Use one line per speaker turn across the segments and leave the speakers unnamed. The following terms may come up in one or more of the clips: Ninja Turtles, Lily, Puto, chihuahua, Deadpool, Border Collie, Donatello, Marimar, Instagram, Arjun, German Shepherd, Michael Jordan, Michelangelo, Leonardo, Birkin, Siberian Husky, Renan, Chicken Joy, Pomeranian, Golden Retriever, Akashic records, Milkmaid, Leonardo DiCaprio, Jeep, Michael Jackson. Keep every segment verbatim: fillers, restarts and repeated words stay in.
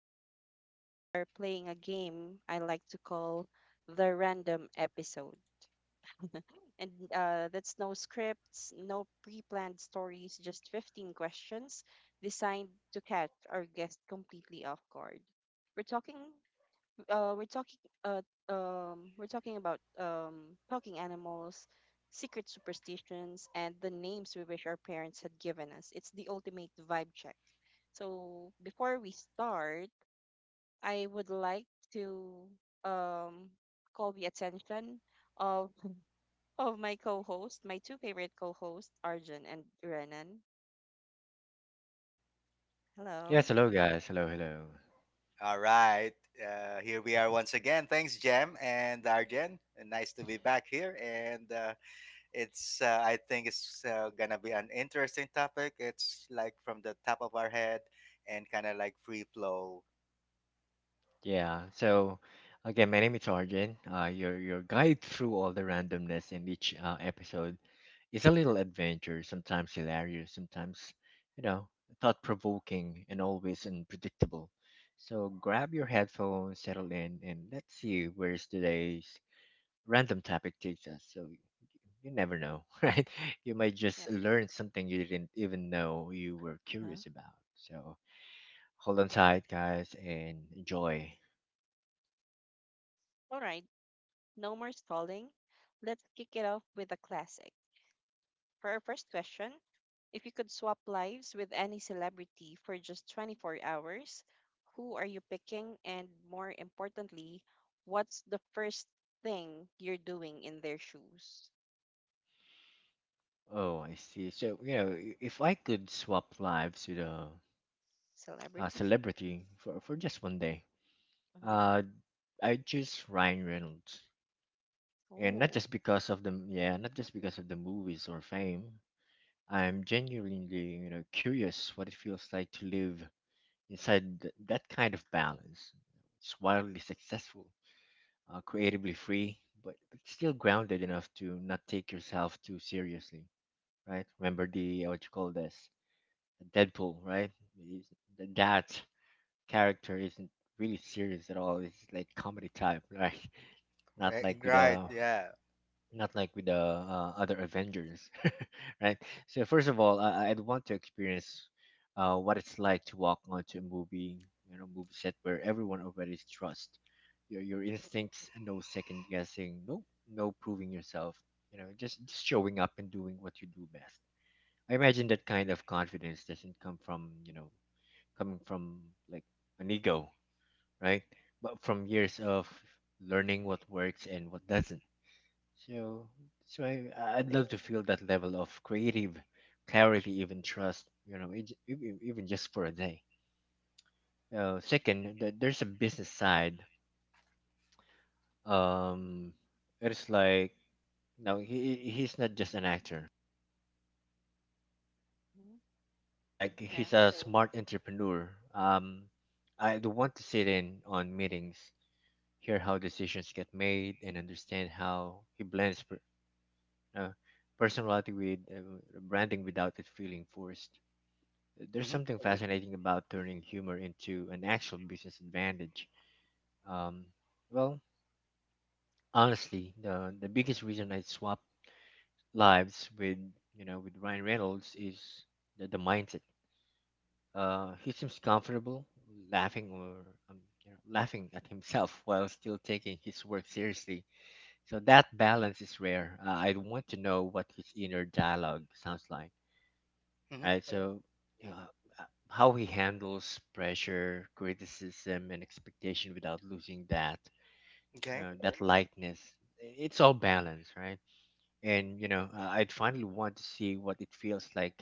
episode, we are playing a game I like to call the random episode. And uh, that's no scripts, no pre planned stories, just fifteen questions designed to catch our guest completely off guard. We're talking uh, we're talking uh, um, we're talking about um, talking animals, secret superstitions, and the names we wish our parents had given us. It's the ultimate vibe check. So before we start, I would like to um, call the attention of of my co-host, my two favorite co-hosts, Arjun and Renan. Hello.
Yes, hello guys. Hello, hello.
All right. Uh, here we are once again. Thanks, Jem and Arjen. Nice to be back here. And uh, it's, uh, I think it's uh, going to be an interesting topic. It's like from the top of our head and kind of like free flow.
Yeah. So again, my name is Arjun. Uh, your your guide through all the randomness in each uh, episode is a little adventure, sometimes hilarious, sometimes you know thought provoking, and always unpredictable. So grab your headphones, settle in, and let's see where's today's random topic takes us. So you never know, right? You might
Yep.
just learn something you didn't even know you were
Huh?
curious about. So hold on tight, guys, and enjoy.
All right. No more stalling. Let's kick it off with a classic. For our first question, if you could swap lives with any celebrity for just twenty-four hours, who are you picking? And more importantly, what's the first thing you're doing in their shoes?
Oh, I see. So, you know, i- if I could swap lives with a, a
Celebrity?
celebrity for, for just one day,
Mm-hmm.
uh, I'd choose Ryan Reynolds. And not
Oh,
just because of the, yeah, not just because of the movies or fame. I'm genuinely, you know, curious what it feels like to live inside th- that kind of balance. It's wildly successful, uh, creatively free, but, but still grounded enough to not take yourself too seriously, right? Remember the what you call this, Deadpool, right? He's- That character isn't really serious at all. It's like comedy type, right? Not
Right,
like with
right,
the
yeah.
not like with the uh, other Avengers, right? So first of all, I, I'd want to experience uh, what it's like to walk onto a movie, you know, movie set where everyone already trusts your your instincts, and no second guessing, no no proving yourself, you know, just just showing up and doing what you do best. I imagine that kind of confidence doesn't come from, you know, coming from like an ego, right? But from years of learning what works and what doesn't. So that's why I- I'd love to feel that level of creative clarity, even trust, you know, ej- ev- even just for a day. Uh, second, th- there's a business side. Um, it's like, no, he he- he's not just an actor.
hmm,
Like
yeah.
he's a smart entrepreneur. Um, I do want to sit in on meetings, hear how decisions get made, and understand how he blends per, uh, personality with uh, branding without it feeling forced. There's
Mm-hmm,
something fascinating about turning humor into an actual business advantage. Um, well, honestly, the the biggest reason I swapped lives with you know with Ryan Reynolds is the, the mindset. Uh, he seems comfortable laughing or um, you know, laughing at himself while still taking his work seriously. So that balance is rare. Uh, I want to know what his inner dialogue sounds like,
mm-hmm,
right? So you know, uh, how he handles pressure, criticism, and expectation without losing that
okay.
uh, that lightness. It's all balance, right? And you know, uh, I'd finally want to see what it feels like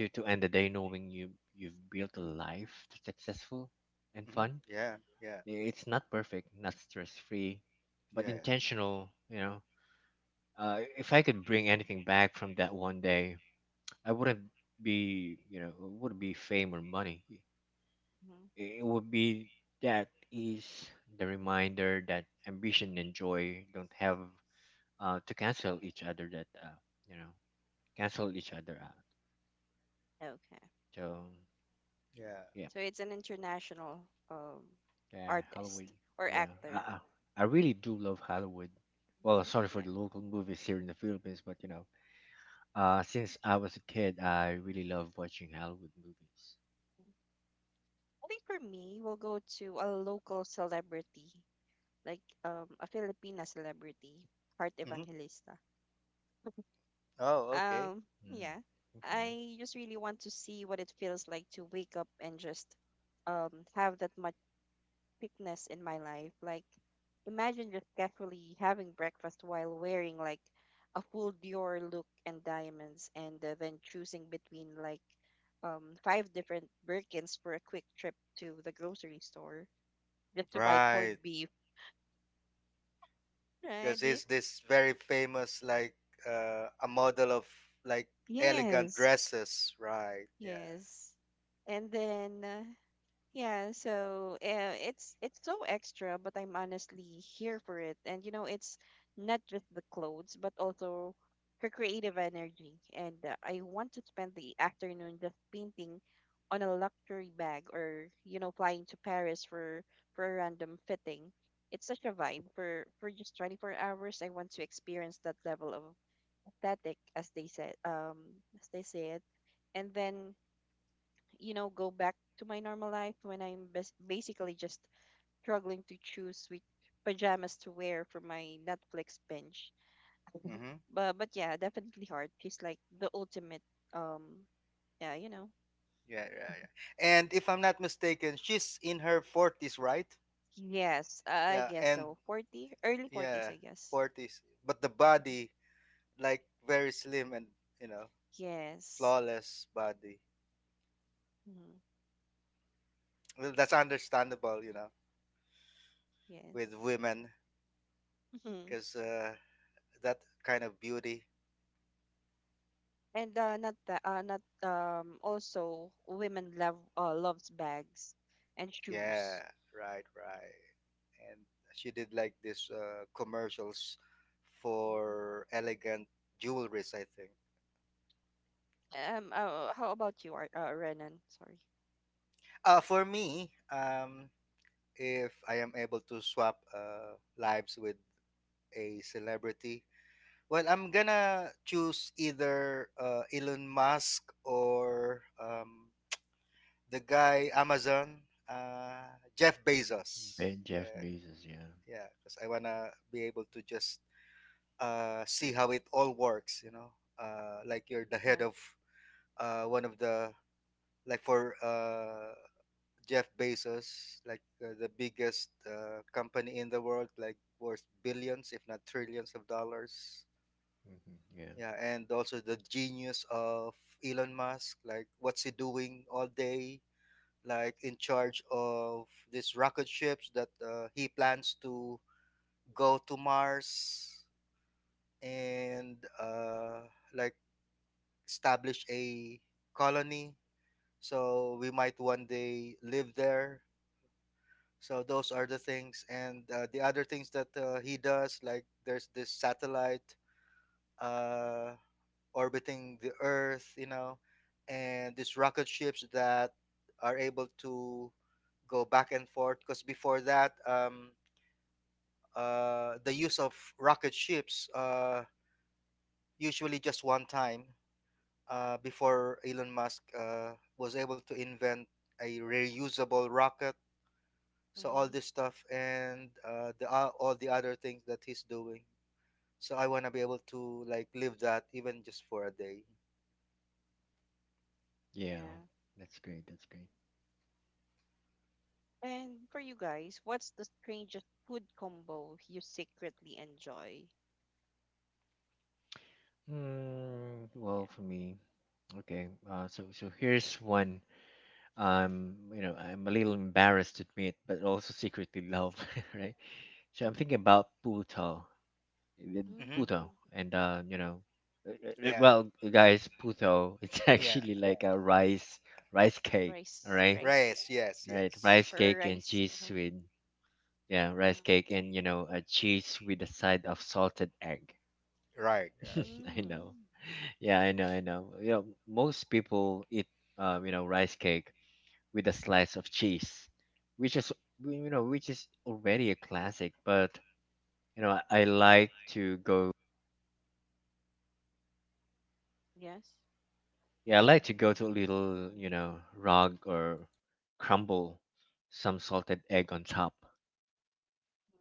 to to end the day knowing you you've built a life that's successful and
Mm-hmm,
fun.
yeah. Yeah.
It's not perfect, not stress free, but
Yes.
intentional. You know, uh, if I could bring anything back from that one day, I wouldn't be you know it wouldn't be fame or money.
Hmm.
It would be that is the reminder that ambition and joy don't have uh, to cancel each other. That uh, you know cancel each other out.
Okay.
So
Yeah.
yeah.
So it's an international um,
Yeah, Hollywood.
artist or
Yeah, I,
actor.
I I really do love Hollywood. Well, sorry
Yeah.
for the local movies here in the Philippines, but you know, uh, since I was a kid, I really love watching Hollywood movies.
I think for me, we'll go to a local celebrity like um a Filipina celebrity, Heart
Mm-hmm.
Evangelista.
Oh, okay.
Um,
Mm,
yeah.
okay.
I just really want to see what it feels like to wake up and just um have that much thickness in my life. Like imagine just casually having breakfast while wearing like a full Dior look and diamonds and uh, then choosing between like um five different Birkins for a quick trip to the grocery store just to buy corned
Right.
beef.
Because
Right?
it's this very famous, like, uh, a model of like elegant
Yes.
dresses. Right. Yeah.
Yes. And then uh, yeah, so uh, it's it's so extra, but I'm honestly here for it. And you know, it's not just the clothes, but also her creative energy. And uh, I want to spend the afternoon just painting on a luxury bag or you know, flying to Paris for for a random fitting. It's such a vibe for for just twenty-four hours. I want to experience that level of aesthetic, as they said, um, as they say it. And then you know, go back to my normal life when I'm bas- basically just struggling to choose which pajamas to wear for my Netflix binge.
Mm-hmm.
But but yeah, definitely hard. She's like the ultimate um yeah, you know.
Yeah, yeah, yeah. And if I'm not mistaken, she's in her forties, right?
Yes, I
Yeah,
guess
and
so. forty, early forties,
yeah,
I guess.
forties. But the
Mhm.
body, like, very slim and you know,
Yes.
flawless body.
Hmm.
Well, that's understandable, you know,
Yes.
with women,
Hmm.
because uh, that kind of beauty.
And uh, not that, uh, not um. Also, women love uh, loves bags and shoes.
Yeah, right, right. And she did like this uh, commercials for elegant jewelries, I think.
Um, uh, how about you, Ar- uh, Renan? Sorry.
Uh, for me, um, if I am able to swap uh, lives with a celebrity, well, I'm gonna choose either uh, Elon Musk or um, the guy Amazon, uh, Jeff Bezos.
And Jeff
Yeah,
Bezos, yeah.
yeah, because I wanna be able to just uh, see how it all works. You know, uh, like you're the head
Yeah.
of uh, one of the like for uh, Jeff Bezos, like uh, the biggest uh, company in the world, like worth billions, if not trillions of dollars.
Hmm, yeah,
Yeah, and also the genius of Elon Musk, like what's he doing all day, like in charge of these rocket ships that uh, he plans to go to Mars and uh, like establish a colony. So we might one day live there. So those are the things, and uh, the other things that uh, he does, like there's this satellite uh, orbiting the Earth, you know, and these rocket ships that are able to go back and forth. Because before that, um, uh, the use of rocket ships uh, usually just one time uh, before Elon Musk uh, was able to invent a reusable rocket, so all
Mm-hmm.
this stuff and uh, the uh, all the other things that he's doing. So I want to be able to like live that even just for a day.
yeah,
Yeah.
that's great. That's great.
And for you guys, what's the strangest food combo you secretly enjoy?
Mm, well,
Yeah.
for me, okay. Uh, so so here's one. Um, you know, I'm a little embarrassed to admit, but also secretly love, right? So I'm thinking
Mm-hmm.
about Puto. With
Mm-hmm.
Puto.
Mm.
And uh, you know, uh, uh, uh,
Yeah,
well, guys, Puto, it's
yeah.
actually like a rice rice cake. All
Rice,
right,
rice cake.
Race, yes,
right, rice
yes.
For
cake and
rice.
cheese
Uh-huh.
with, yeah, rice
Uh-huh.
cake and you know, a cheese with a side of salted egg.
Right, right.
I
Mm.
know. Mm. Yeah, I know, I know. You know, most people eat um, you know, rice cake with a slice of cheese, which is you know, which is already a classic, but you know, I like to go
Yes.
yeah, I like to go to a little, you know, rug or crumble some salted egg on top.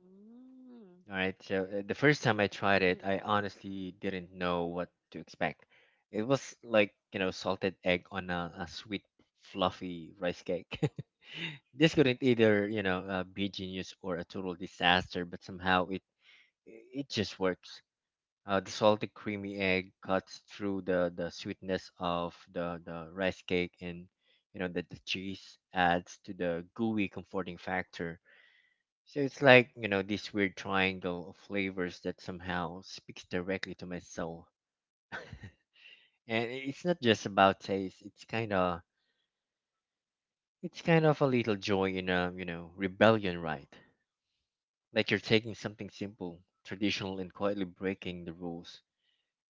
Mm.
All right. So uh, the first time I tried it,
Hmm.
I honestly didn't know what to expect. It was like, you know, salted egg on a, a sweet, fluffy rice cake. This couldn't either, you know, uh, be genius or a total disaster, but somehow it it just works. Uh, the salty, creamy egg cuts through the, the sweetness of the, the rice cake, and you know that the cheese adds to the gooey, comforting factor. So it's like you know this weird triangle of flavors that somehow speaks directly to my soul. And i- it's not just about taste. It's kind of it's kind of a little joy in a you know rebellion, right? Like you're taking something simple, traditional, and quietly breaking the rules,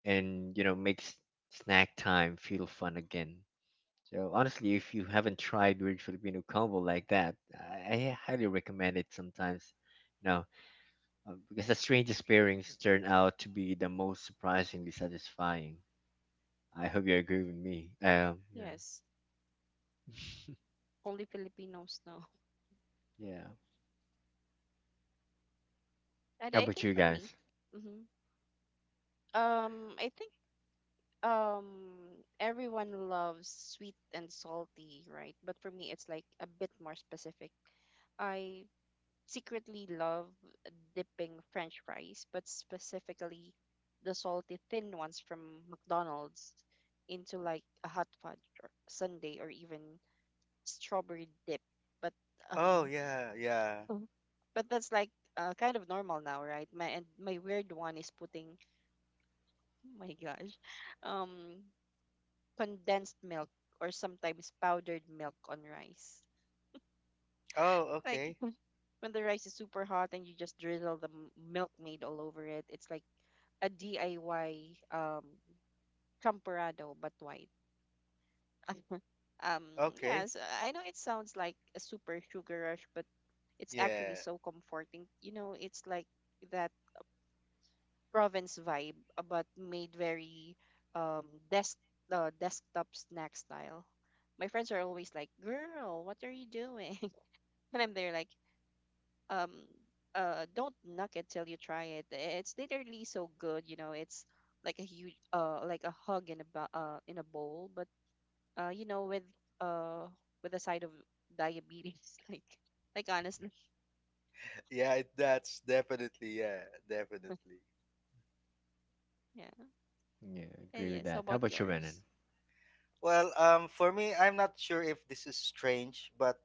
and you know makes snack time feel fun again. So honestly, if you haven't tried weird Filipino combo like that, I I highly recommend it sometimes. You know, um, because the strangest pairings turn out to be the most surprisingly satisfying. I hope you agree with me. Um, yeah,
Yes. Only Filipinos know.
yeah.
And
How
I
about
think
you
for me,
guys?
mm-hmm. um, I think um everyone loves sweet and salty, right? But for me it's like a bit more specific. I secretly love dipping french fries, but specifically the salty thin ones from McDonald's into like a hot fudge or sundae or even strawberry dip. But uh,
Oh yeah, yeah.
Mm. But that's like uh, kind of normal now, right? My and my weird one is putting my gosh, um condensed milk or sometimes powdered milk on rice.
Oh,
Like
okay,
when the rice is super hot and you just drizzle the m- milkmaid all over it, it's like a D I Y um champorado but white. um
okay,
yes, I know it sounds like a super sugar rush, but it's actually
yeah.
so comforting. You know, it's like that province vibe, uh, but made very um desk uh, desktop snack style. My friends are always like, "Girl, what are you doing?" and I'm there like, um, uh, don't knock it till you try it. It's literally so good, you know. It's like a huge, uh, like a hug in a bo- uh in a bowl, but uh, you know, with uh with a side of diabetes, like like honestly,
yeah it- that's definitely, yeah, definitely.
yeah,
Yeah,
yeah,
agree with
yeah. So
that. How
about
about you, Renan?
yours,
Well, um for me, I'm not sure if this is strange, but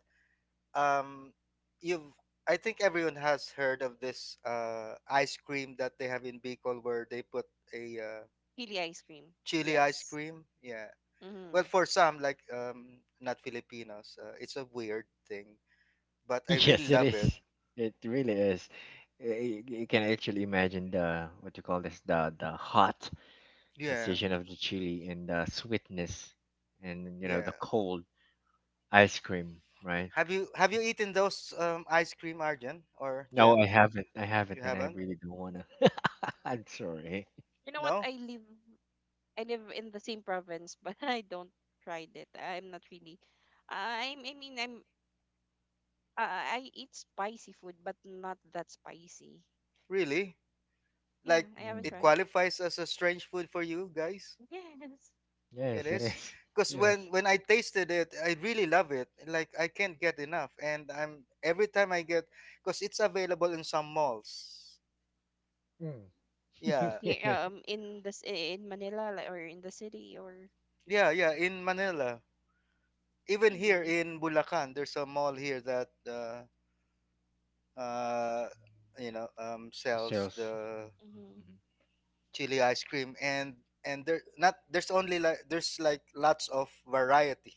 um you've I think everyone has heard of this uh ice cream that they have in Bicol where they put a uh,
Pili ice cream,
chili ice
yes.
cream. Yeah.
Mm-hmm.
Well, for some like um not Filipinos, uh, it's a weird thing, but I
Yes,
really
it
love it.
is. It really is. Y- y- You can actually imagine the what you call this the the hot
Yeah.
sensation of the chili and the sweetness, and you know
Yeah.
the cold ice cream, right?
Have you have you eaten those um ice cream, Arjun or
No, I
Gem?
haven't. I haven't,
You
and I
haven't?
really don't wanna. I'm sorry.
You know what?
No?
I live, I live in the same province, but I don't tried it. I'm not really. I'm, I mean, I'm Uh, I eat spicy food, but not that spicy.
Really?
Yeah,
Like,
I haven't
Mm.
it
tried.
qualifies as a strange food for you guys?
Yes.
It
Yes, it
is
is.
because
It is.
when when I tasted it, I really love it. Like, I can't get enough, and I'm every time I get, because it's available in some malls.
Mm.
Yeah,
Here,
yeah.
um, in this in Manila like, or in the city or
yeah, yeah. In Manila, even here
really.
in Bulacan, there's a mall here that uh, uh, you know um,
S-
sells
Sales.
the
Mm-hmm.
chili ice cream, and and there not there's only like there's like lots of variety.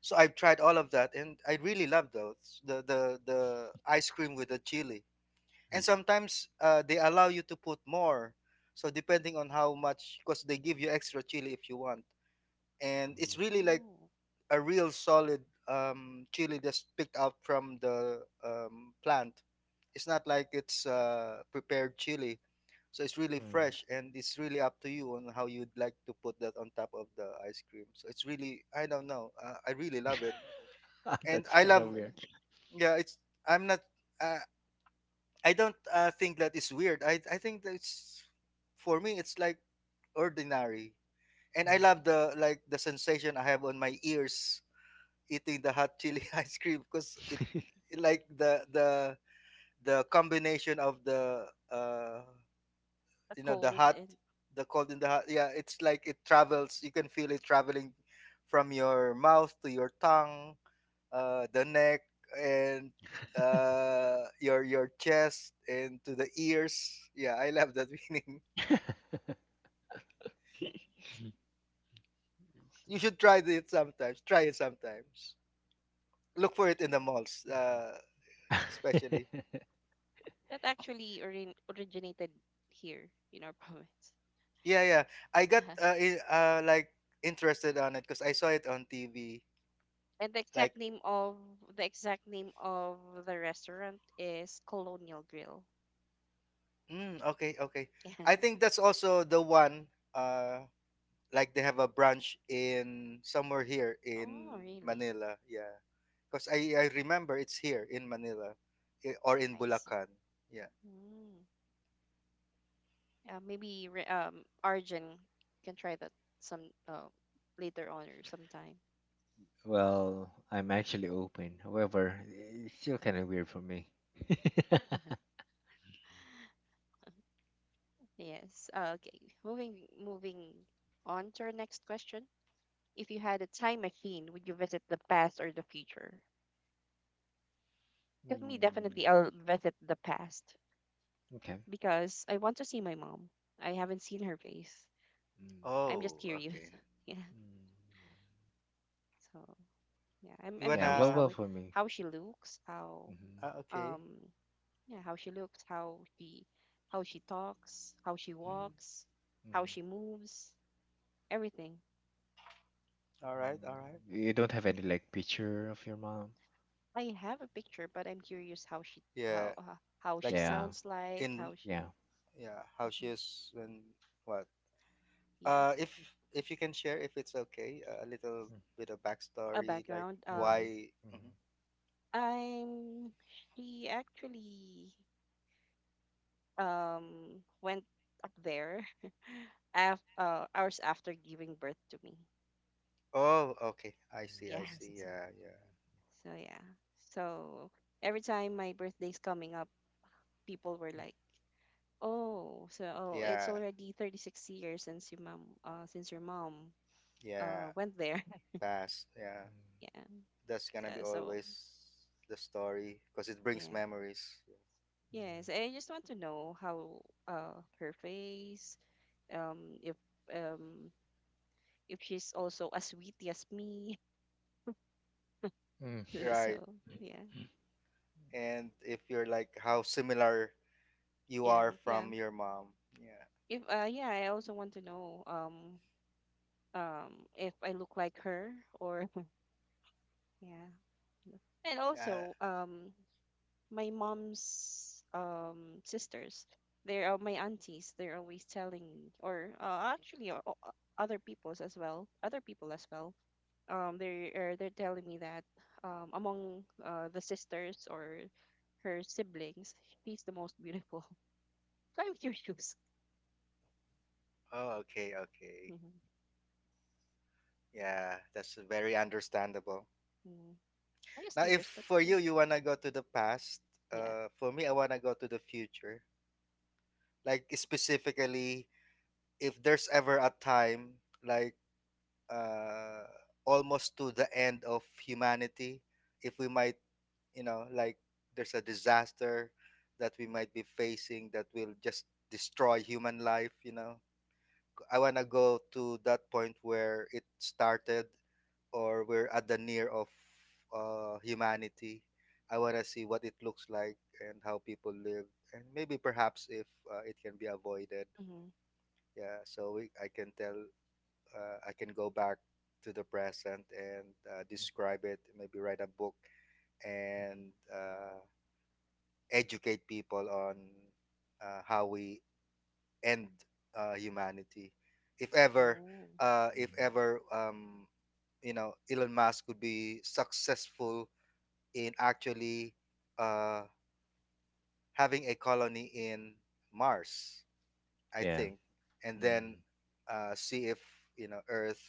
So I've tried all of that, and I really love those, the the the ice cream with the chili,
Mm,
and sometimes uh, they allow you to put more, so depending on how much, because they give you extra chili if you want, and
mm,
it's really like
Oh,
a real solid um, chili that's picked out from the um, plant. It's not like it's uh, prepared chili, so it's really
mm,
fresh and it's really up to you on how you'd like to put that on top of the ice cream. So it's really, I don't know, uh, I really
mm.
love it and
That's
I
kind of
love,
weird.
yeah, it's, i'm not uh, I don't uh, think that is weird. I I think that's, for me it's like ordinary. And I
Mm.
love the like the sensation I have on my ears eating the hot chili ice cream, because it like the the the combination of the uh
the
you know the
cold
hot,
and
the cold and the hot, yeah, it's like it travels, you can feel it traveling from your mouth to your tongue, uh, the neck, and uh, your your chest and to the ears. Yeah, I love that meaning.
Let's
You
see.
should try it sometimes. Try it sometimes. Look for it in the malls, uh,
Mhm.
especially.
that actually orin originated here in our province.
Yeah, yeah. I got uh, i- uh like interested on it because I saw it on T V.
And the exact
Like,
name of the exact name of the restaurant is Colonial Grill.
mm, okay, okay. I
Yeah.
think that's also the one. Uh, like they have a branch in somewhere here
Oh,
in
really?
Manila. Yeah. Because I, I remember it's here in Manila i- or in
I see.
Bulacan. Yeah.
Mm. Uh, maybe Re- um Arjun can try that some uh, later on or sometime.
Well, I'm actually open. However, it's still kind of weird for me.
Yes. Uh, okay. Moving moving on to our next question. If you had a time machine, would you visit the past or the future? For me,
Mm,
definitely I'll visit the past
okay. Mm,
because I want to see my mom. I haven't seen her face. I'm just
Oh,
curious.
okay.
Yeah.
mm, yeah.
So yeah, I'm
You
I'm
Yeah,
curious
well,
how
wanna?
well
it-
for me.
how she looks, how
Hmm,
Uh, okay.
um Yeah, how she looks, how she how she talks, how she
Mhm.
hmm,
walks, how
hmm.
she moves, everything.
All right. All
Mm,
right.
you don't have any like picture of your mom?
I have a picture, but I'm curious how she
Yeah.
how uh, how she
Like th-
Yeah,
sounds like,
in
how she
yeah.
yeah, how she
Mhm.
is when what?
Yeah,
Uh, if if you can share, if it's okay, uh, a little bit of
a
backstory, like
background. Um,
Mm-hmm.
why? Mhm.
I'm she actually um went up there af uh, hours after giving birth to me.
Oh, okay. I see. I
Yes.
see. Yeah. Yeah.
So yeah. So every time my birthday's coming up, people were like, "Oh, so oh, it's
Yeah.
already thirty-six years since your mom uh since your mom uh
Yeah.
went there."
Past. Yeah.
Yeah.
That's gonna be
So, so
always the story because it brings
yeah.
memories.
Yes, I just want to know how uh her face um if um if she's also as witty as me.
Mm-hmm. Yeah.
Right.
So, yeah.
And if you're like how similar you
Yeah,
are
yeah.
from your mom. Yeah.
If uh yeah, I also want to know um um if I look like her or yeah. And
Uh,
also um my mom's um sisters, they are my aunties, they're always telling me, or uh, actually uh, o- o- other people's as well other people as well, um they are they're telling me that um among uh, the sisters or her siblings she's the most beautiful. So I'm curious.
oh, okay, okay.
Mm-hmm.
Yeah, that's very understandable.
Mm-hmm. I'm just
Now, if
curious but
for
yeah.
you, you want to go to the past,
Yeah.
uh, for me, I want to go to the future. Like, specifically, if there's ever a time, like, uh, almost to the end of humanity, if we might, you know, like there's a disaster that we might be facing that will just destroy human life, you know. I want to go to that point where it started or we're at the near of uh, humanity. I want to see what it looks like and how people live, and maybe perhaps if uh, it can be avoided,
Mm-hmm.
yeah, so we, I can tell, uh, I can go back to the present and uh,
Mm.
describe it, maybe write a book
Mm-hmm.
and uh, educate people on uh, how we end uh, humanity. If ever,
Oh.
uh, if
Mm-hmm.
ever, um, you know, Elon Musk could be successful in actually uh, having a colony in Mars, I
Yeah.
think, and then
Mm-hmm.
uh, see if you know Earth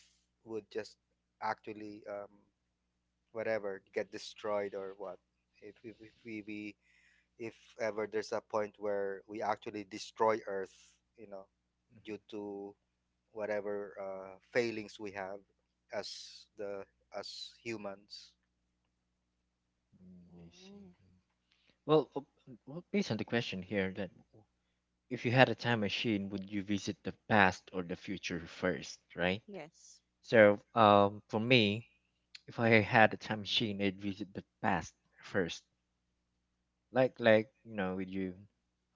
would just actually um, whatever get destroyed or what if if, if we, we if ever there's a point where we actually destroy Earth, you know, due to whatever uh, failings we have as the as humans.
Mm-hmm. I see.
Mm.
Mhm. Well, uh, um, well, based on the question here, that w- if you had a time machine, would you visit the past or the future first, right?
Yes.
So, um, for me, if I had a time machine, I'd visit the past first, like like you know with you,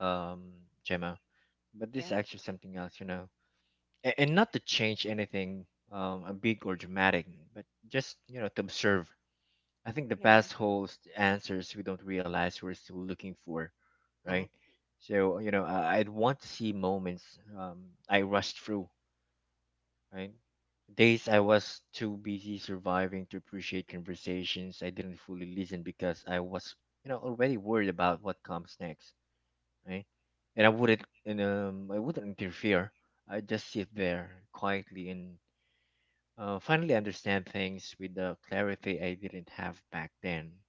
um, Gemma. But this
Yeah.
is actually something else, you know, and, and not to change anything, um, uh, big or dramatic, but just you know to observe. I think the
Yeah.
past holds the answers we don't realize we're still looking for,
Mm-hmm.
right? So you know, I, I'd want to see moments um, I rushed through, right? Days I was too busy surviving to appreciate conversations. I didn't fully listen because I was, you know, already worried about what comes next, right? And I wouldn't, and um, I wouldn't interfere. I just sit there quietly and uh, finally understand things with the clarity I didn't have back then.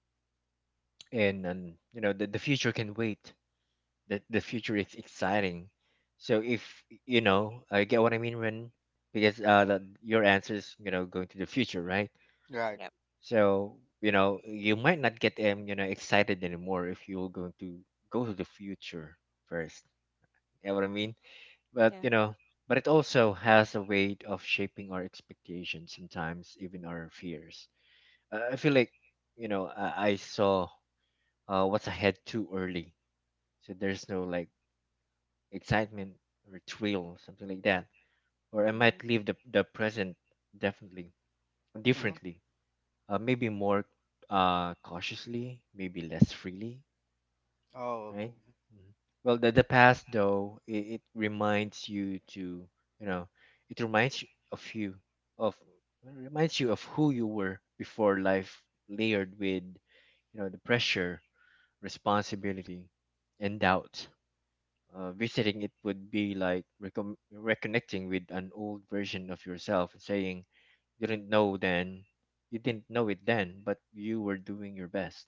And, and you know, the, the future can wait, the the future is exciting. So if you know, I get what I mean when, because uh the, your answer is you know going to the future, right?
Right.
Yep.
So you know you might not get um you know excited anymore if you're going to go to the future first. You know what I mean? But
Yeah.
you know, but it also has a way of shaping our expectations sometimes, even our fears. Uh, I feel like you know I, I saw uh, what's ahead too early, so there's no like excitement or thrill, something like that. Or I
Mm-hmm.
might live the, the present definitely
Mm-hmm.
differently. Uh, maybe more uh, cautiously, maybe less freely,
Oh,
right?
okay.
Mhm. Well, the, the past though, it, it reminds you to, you know, it reminds you of you, of reminds you of who you were before life layered with, you know, the pressure, responsibility, and doubt. Uh, visiting it would be like recon- reconnecting with an old version of yourself and saying you didn't know then, you didn't know it then, but you were doing your best.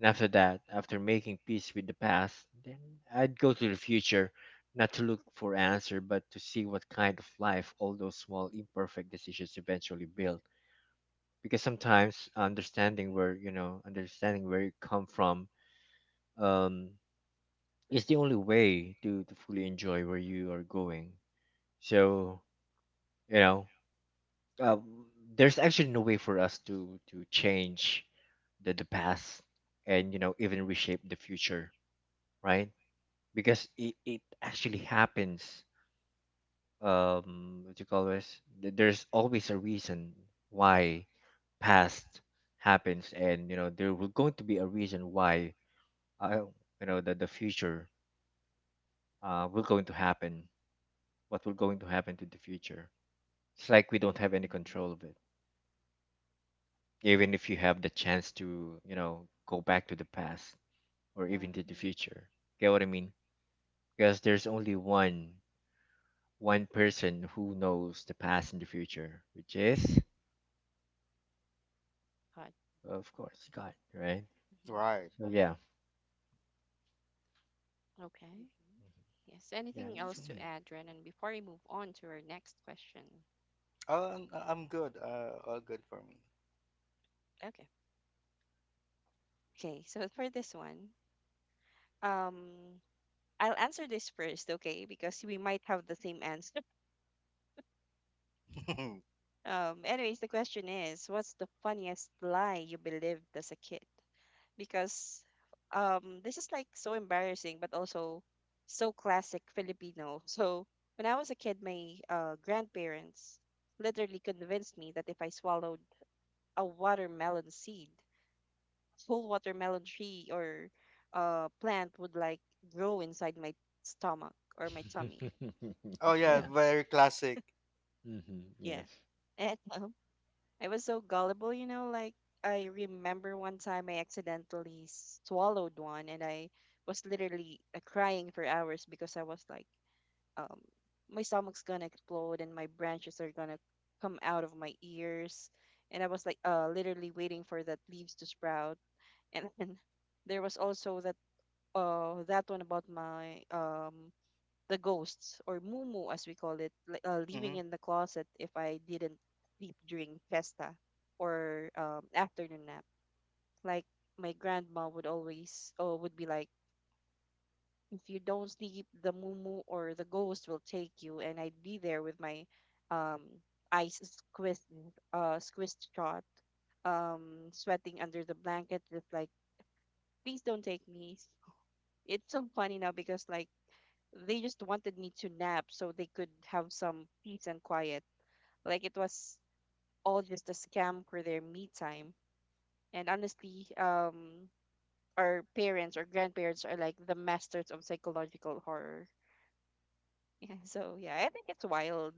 And after that, after making peace with the past, then I'd go to the future, not to look for answer but to see what kind of life all those small imperfect decisions eventually build. Because sometimes understanding where you know understanding where you come from um is the only way to, to fully enjoy where you are going. So you know, um, there's actually no way for us to to change the the past and you know even reshape the future, right? Because it, it actually happens. Um, what do you call this? Th- There's always a reason why past happens, and you know there will going to be a reason why uh, you know that the future uh will going to happen. What will going to happen to the future? It's like we don't have
Mm-hmm.
any control of it. Even if you have the chance to you know go back to the past or even
Yeah.
to the future, get what I mean? Because there's only one one person who knows the past and the future, which is
Hot.
of course God, right?
Right.
So yeah.
Okay. Yes.
Yeah,
Anything
that's for
else to
me.
add, Renan, before we move on to our next question?
Oh, I'm, I'm good. Uh, all good for
Okay. Okay. So for this one, um, I'll answer this first, okay, because we might have the same answer.
me.
Um, anyways, the question is, what's the funniest lie you believed as a kid? Because um, this is like so embarrassing, but also so classic Filipino. So when I was a kid, my uh, grandparents literally convinced me that if I swallowed a watermelon seed, whole watermelon tree or uh plant would like grow inside my stomach or my tummy.
Oh yeah,
Yeah.
very classic.
Hmm.
Yeah.
Yes.
And um, I was so gullible, you know, like I remember one time I accidentally swallowed one and I was literally uh, crying for hours because I was like, um, my stomach's gonna explode and my branches are gonna come out of my ears. And I was like, uh, literally waiting for that leaves to sprout. And then there was also that uh that one about my um the ghosts or mumu as we call it, li- uh, living
Mm-hmm.
in the closet if I didn't sleep during festa or um, afternoon nap. Like my grandma would always oh would be like, "If you don't sleep, the mumu or the ghost will take you," and I'd be there with my um eyes squeezed uh squeezed shut, um sweating under the blanket just like, "Please don't take me." It's so funny now because like they just wanted me to nap so they could have some peace and quiet. Like it was all just a scam for their me time. And honestly, um, our parents or grandparents are like the masters of psychological horror. Yeah, so yeah, I think it's wild.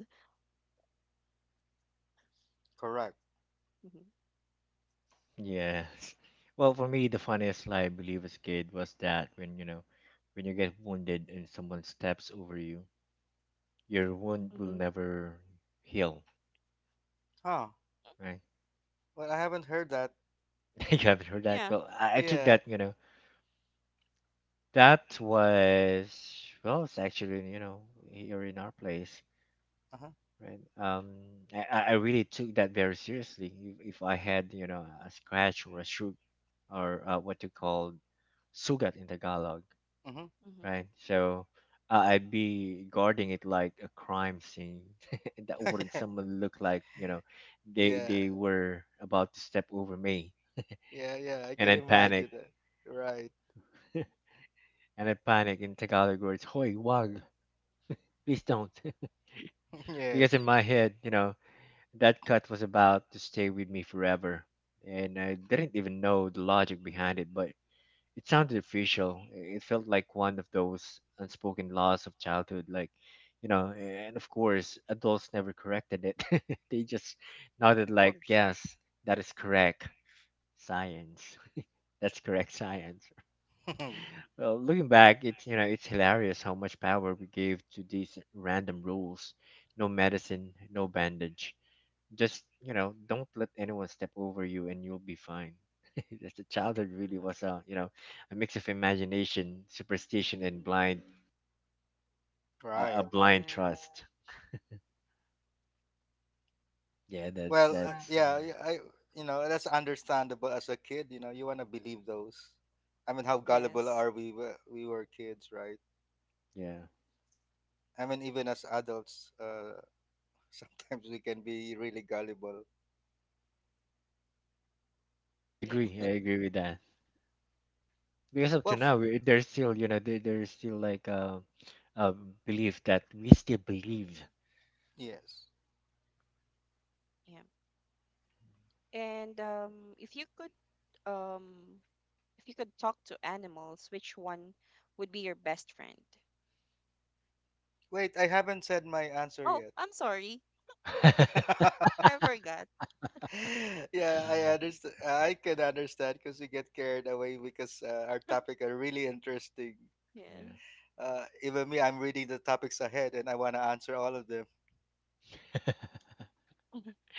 Correct.
Hmm. Yes.
Yes, well for me the funniest lie I believe as a kid was that when you know when you get wounded and someone steps over you, your wound will
Mm-hmm.
never heal,
Huh.
right?
Well, I haven't heard that.
You haven't heard that?
Yeah.
Well, I, I took
Yeah.
that, you know, that was, well, it's actually, you know, here in our place,
Uh-huh.
right? Um, I, I I really took that very seriously. If, if I had, you know, a scratch or a shoot or uh, what you call sugat in Tagalog,
Mm-hmm.
Mm-hmm.
right? So uh, I'd be guarding it like a crime scene. That wouldn't someone look like, you know, they,
yeah.
they were about to step over me
Yeah. Yeah. I
and
can
then panic.
imagine that. Right.
And I panic in Tagalog words, Hoy, wag, please don't. Because in
yes.
my head, you know, that cut was about to stay with me forever. And I didn't even know the logic behind it, but it sounded official. It felt like one of those unspoken laws of childhood, like, you know, and of course, adults never corrected it. They just
Of
nodded, like,
course.
yes, that is correct science. That's correct science. Well, looking back, it's you know it's hilarious how much power we gave to these random rules. No medicine, no bandage. Just you know, don't let anyone step over you, and you'll be fine. Just the childhood
Mm-hmm.
really
Uh-huh.
was a you know a mix of imagination, superstition, and blind a, a
right.
blind
Yeah.
trust. Yeah, that's
Well,
Yes.
uh,
that's
yeah,
me.
y- I you know that's understandable as a kid. You know, you want to believe those. I mean, how gullible
Yes.
are we? wh- We were kids, right?
Yeah.
I mean, even as adults, uh, sometimes we can be really gullible.
I agree.
Yeah.
I agree with that. Because up
Well,
to
f-
now, we- there's still you know there, there's still like a, a belief that we still believe.
yes.
Yeah. And um, if you could um if you could talk to animals, which one would be your best friend?
Wait, I haven't said my answer
Oh,
yet.
I'm sorry. I forgot.
Yeah, I understand. I can understand because we get carried away because uh, our topic are really interesting.
Yeah.
Yeah.
Uh, even me, I'm reading the topics ahead and I want to answer all of them.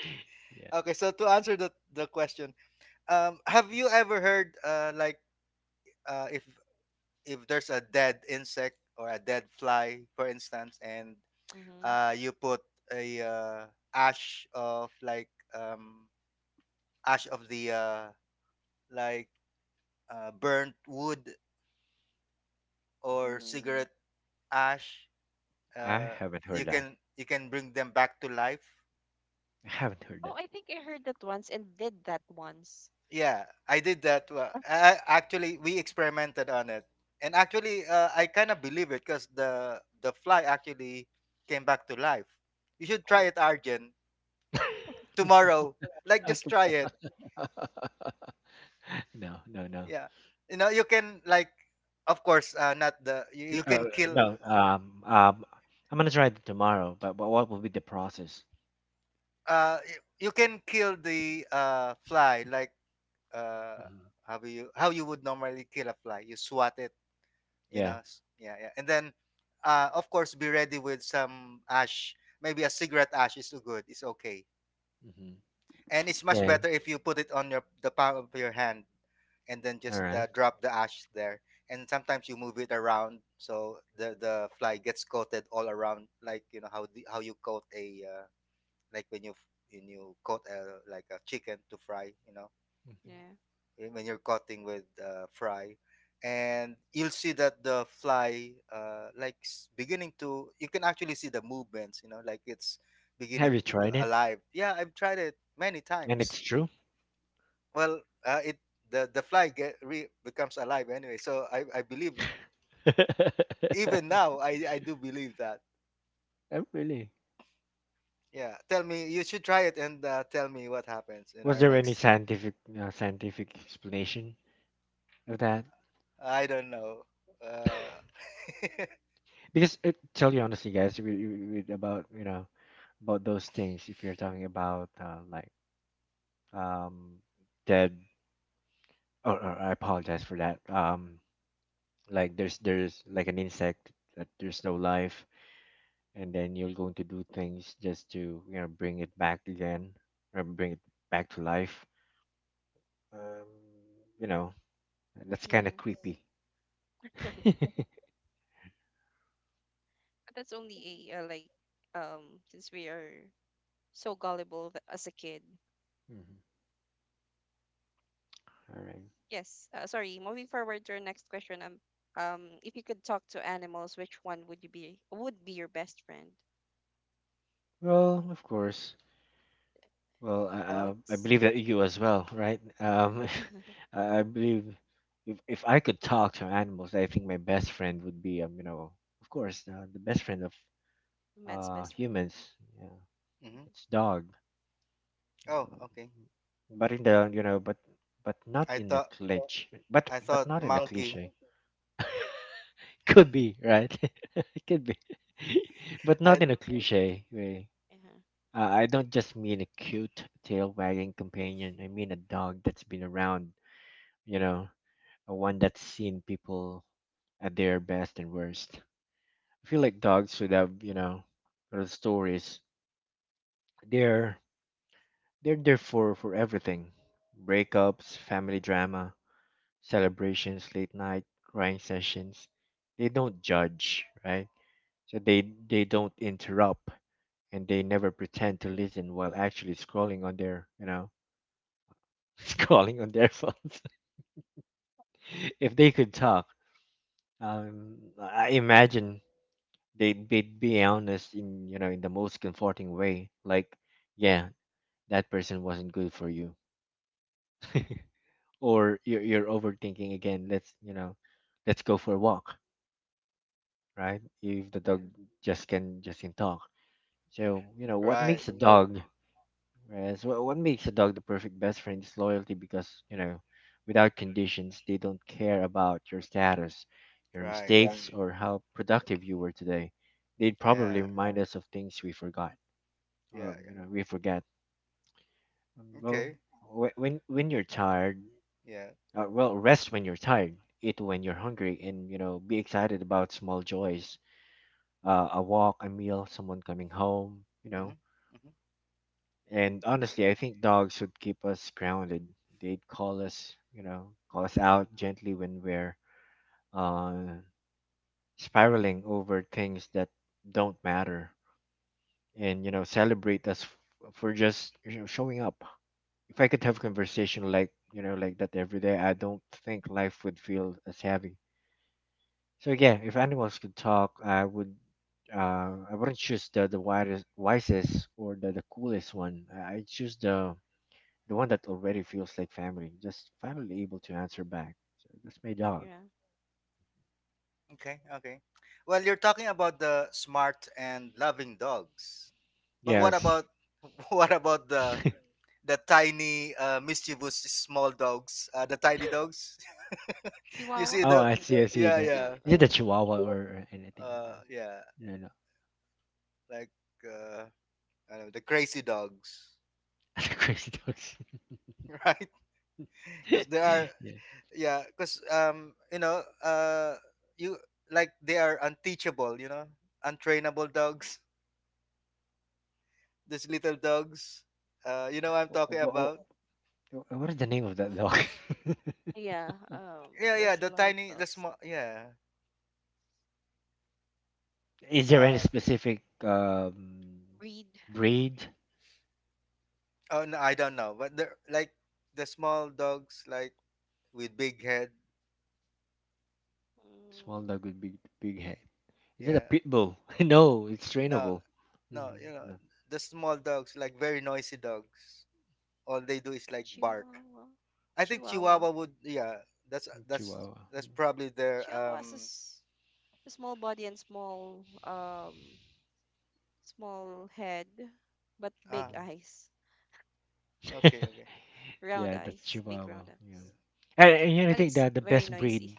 Yeah.
Okay, so to answer the, the question. Um, have you ever heard uh, like uh, if if there's a dead insect or a dead fly, for instance, and
Mm-hmm.
uh, you put a uh, ash of like um, ash of the uh, like uh, burnt wood or
Mm.
cigarette ash,
I
uh,
haven't
you
heard that.
can you can bring them back to life.
I haven't heard
Oh, I think I heard that once and did that once.
Yeah, I did that. Uh,
Uh,
I, actually, we experimented on it, and actually, uh, I kind of believe it because the the fly actually came back to life. You should try
Oh,
it, Arjen, tomorrow. Like, just try it.
that. Uh, no, no, no.
Yeah, you know, you can like, of course, uh, not the
Y-
you, you
Uh,
can kill.
no. Um. Um. I'm gonna try it tomorrow. But, but what will be the process?
Uh, y- you can kill the uh fly like uh
Hmm.
how you how you would normally kill a fly. You swat it, you
Yeah.
know, s- yeah yeah, and then uh of course be ready with some ash, maybe a cigarette ash is good, it's okay,
Mm-hmm.
and it's much
Then.
better if you put it on your the palm of your hand, and then
All
just
right.
uh, drop the ash there, and sometimes you move it around so the the fly gets coated all around, like you know how the, how you coat a uh, like when you when you coat a, like a chicken to fry, you know,
Mhm.
yeah,
eh, when you're cutting with uh, fry, and you'll see that the fly, uh, like s- beginning to, you can actually see the movements, you know like it's beginning
Have you
to be
tried it?
alive. Yeah, I've tried it many
And it's
times.
true.
Well, uh, it the, the fly get re- becomes alive anyway, so I, I believe,
Oh,
even now I, I do believe that.
really?
Yeah, tell me, you should try it and uh, tell me what happens in
Was
our
there any
next.
scientific uh, scientific explanation of that?
I don't know, uh,
Because it, tell you honestly, guys, we, we, we- about you know about those things. If you're talking about uh, like um dead or, or I apologize for that. Um like there's there's like an insect that there's no life and then you're going to do things just to you know bring it back again or bring it back to life. Um you know, that's kind of
yes.
creepy.
But that's only a uh, like um since we are so gullible th- as a kid.
Mhm. All right.
Yes. Uh, sorry. Moving forward to our next question. Um, um, if you could talk to animals, which one would you be? Would be your best friend?
Well, of course. Well, I, I I
Dogs.
believe that you as well, right? Um, I I believe if if I could talk to animals, I think my best friend would be um, you know, of course, uh, the best friend of
Man's
uh
best friend.
humans. Yeah,
mhm.
it's dog.
Oh
Uh,
okay.
but in the you know, but but not
i
in a
thought
cliche. But
I
but
thought
not in a
monkey.
cliche. Could be right. It could be. But
I,
not in a cliche way.
Yeah,
Uh, I don't just mean a cute tail wagging companion. I mean a dog that's been around, you know, a one that's seen people at their best and worst. I feel like dogs should have, you know, little stories. They're they're there for for everything. Breakups, family drama, celebrations, late night crying sessions. They don't judge, right? So they they don't interrupt and they never pretend to listen while actually scrolling on their, you know, scrolling on their phones. If they could talk, um, I imagine they they'd be honest in you know in the most comforting way, like, yeah, that person wasn't good for you. Or you're, you're overthinking again. Let's you know Let's go for a walk, right? If the dog
yeah,
just can just can talk. So you know what
right,
makes a dog Right, so what makes a dog the perfect best friend is loyalty, because you know without conditions they don't care about your status, your
right.
mistakes, or how productive you were today. They'd probably
Yeah,
remind us of things we forgot or
yeah, yeah.
you know we forget. Um, Well,
Okay,
wh- when when you're tired,
yeah.
uh, well, rest when you're tired, eat when you're hungry, and you know be excited about small joys, uh, a walk, a meal, someone coming home, you
Mm-hmm,
know.
mm-hmm.
And honestly, I think dogs should keep us grounded. They'd call us, you know, call us out gently when we're uh, spiraling over things that don't matter, and you know celebrate us f- for just you know, showing up. If I could have conversation like you know like that every day, I don't think life would feel as heavy. So yeah, if animals could talk, I would. Uh, I wouldn't choose the the widest, wisest, or the, the coolest one. I I'd choose the the one that already feels like family, just finally able to answer back. So that's my dog.
yeah.
Okay, okay. Well, you're talking about the smart and loving dogs, but what
Yes.
about what about the the tiny, uh, mischievous small dogs? Uh, the tiny dogs. You
Chihuahua.
see
Oh,
the,
I see. I see
yeah,
that.
The
yeah,
uh,
Is it the Chihuahua or anything?
uh, yeah.
No, no.
Like uh, I don't know, the crazy dogs,
The Crazy dogs.
right? Because there are
Yeah.
yeah because um you know uh you like they are unteachable you know untrainable dogs these little dogs uh you know what I'm talking
What,
about.
what is the name of that
uh,
dog?
yeah. Um,
Yeah, yeah,
there's a
the
lot of
tiny, the
dogs.
small,
Like
yeah.
Is there any
uh
specific um
breed.
breed?
oh no, I don't know, but they're like the small dogs like with big head.
Small
Mm,
dog with big big head. Is it a
Yeah,
pit bull? No, it's
no,
trainable.
no,
Mm,
you know,
no.
the small dogs like very noisy dogs, all they do is like bark.
Chihuahua.
I think
Chihuahua.
chihuahua would, yeah. that's that's
Chihuahua.
that's probably their
Chihuahua has a,
um
s- a small body and small um small head, but big
Ah.
Mhm.
eyes,
Okay, okay.
round
Yeah, that's
eyes, big
Chihuahua.
round
Yeah,
eyes,
and, and you know, I
and
think
it's
that the
very
best breed,
noisy.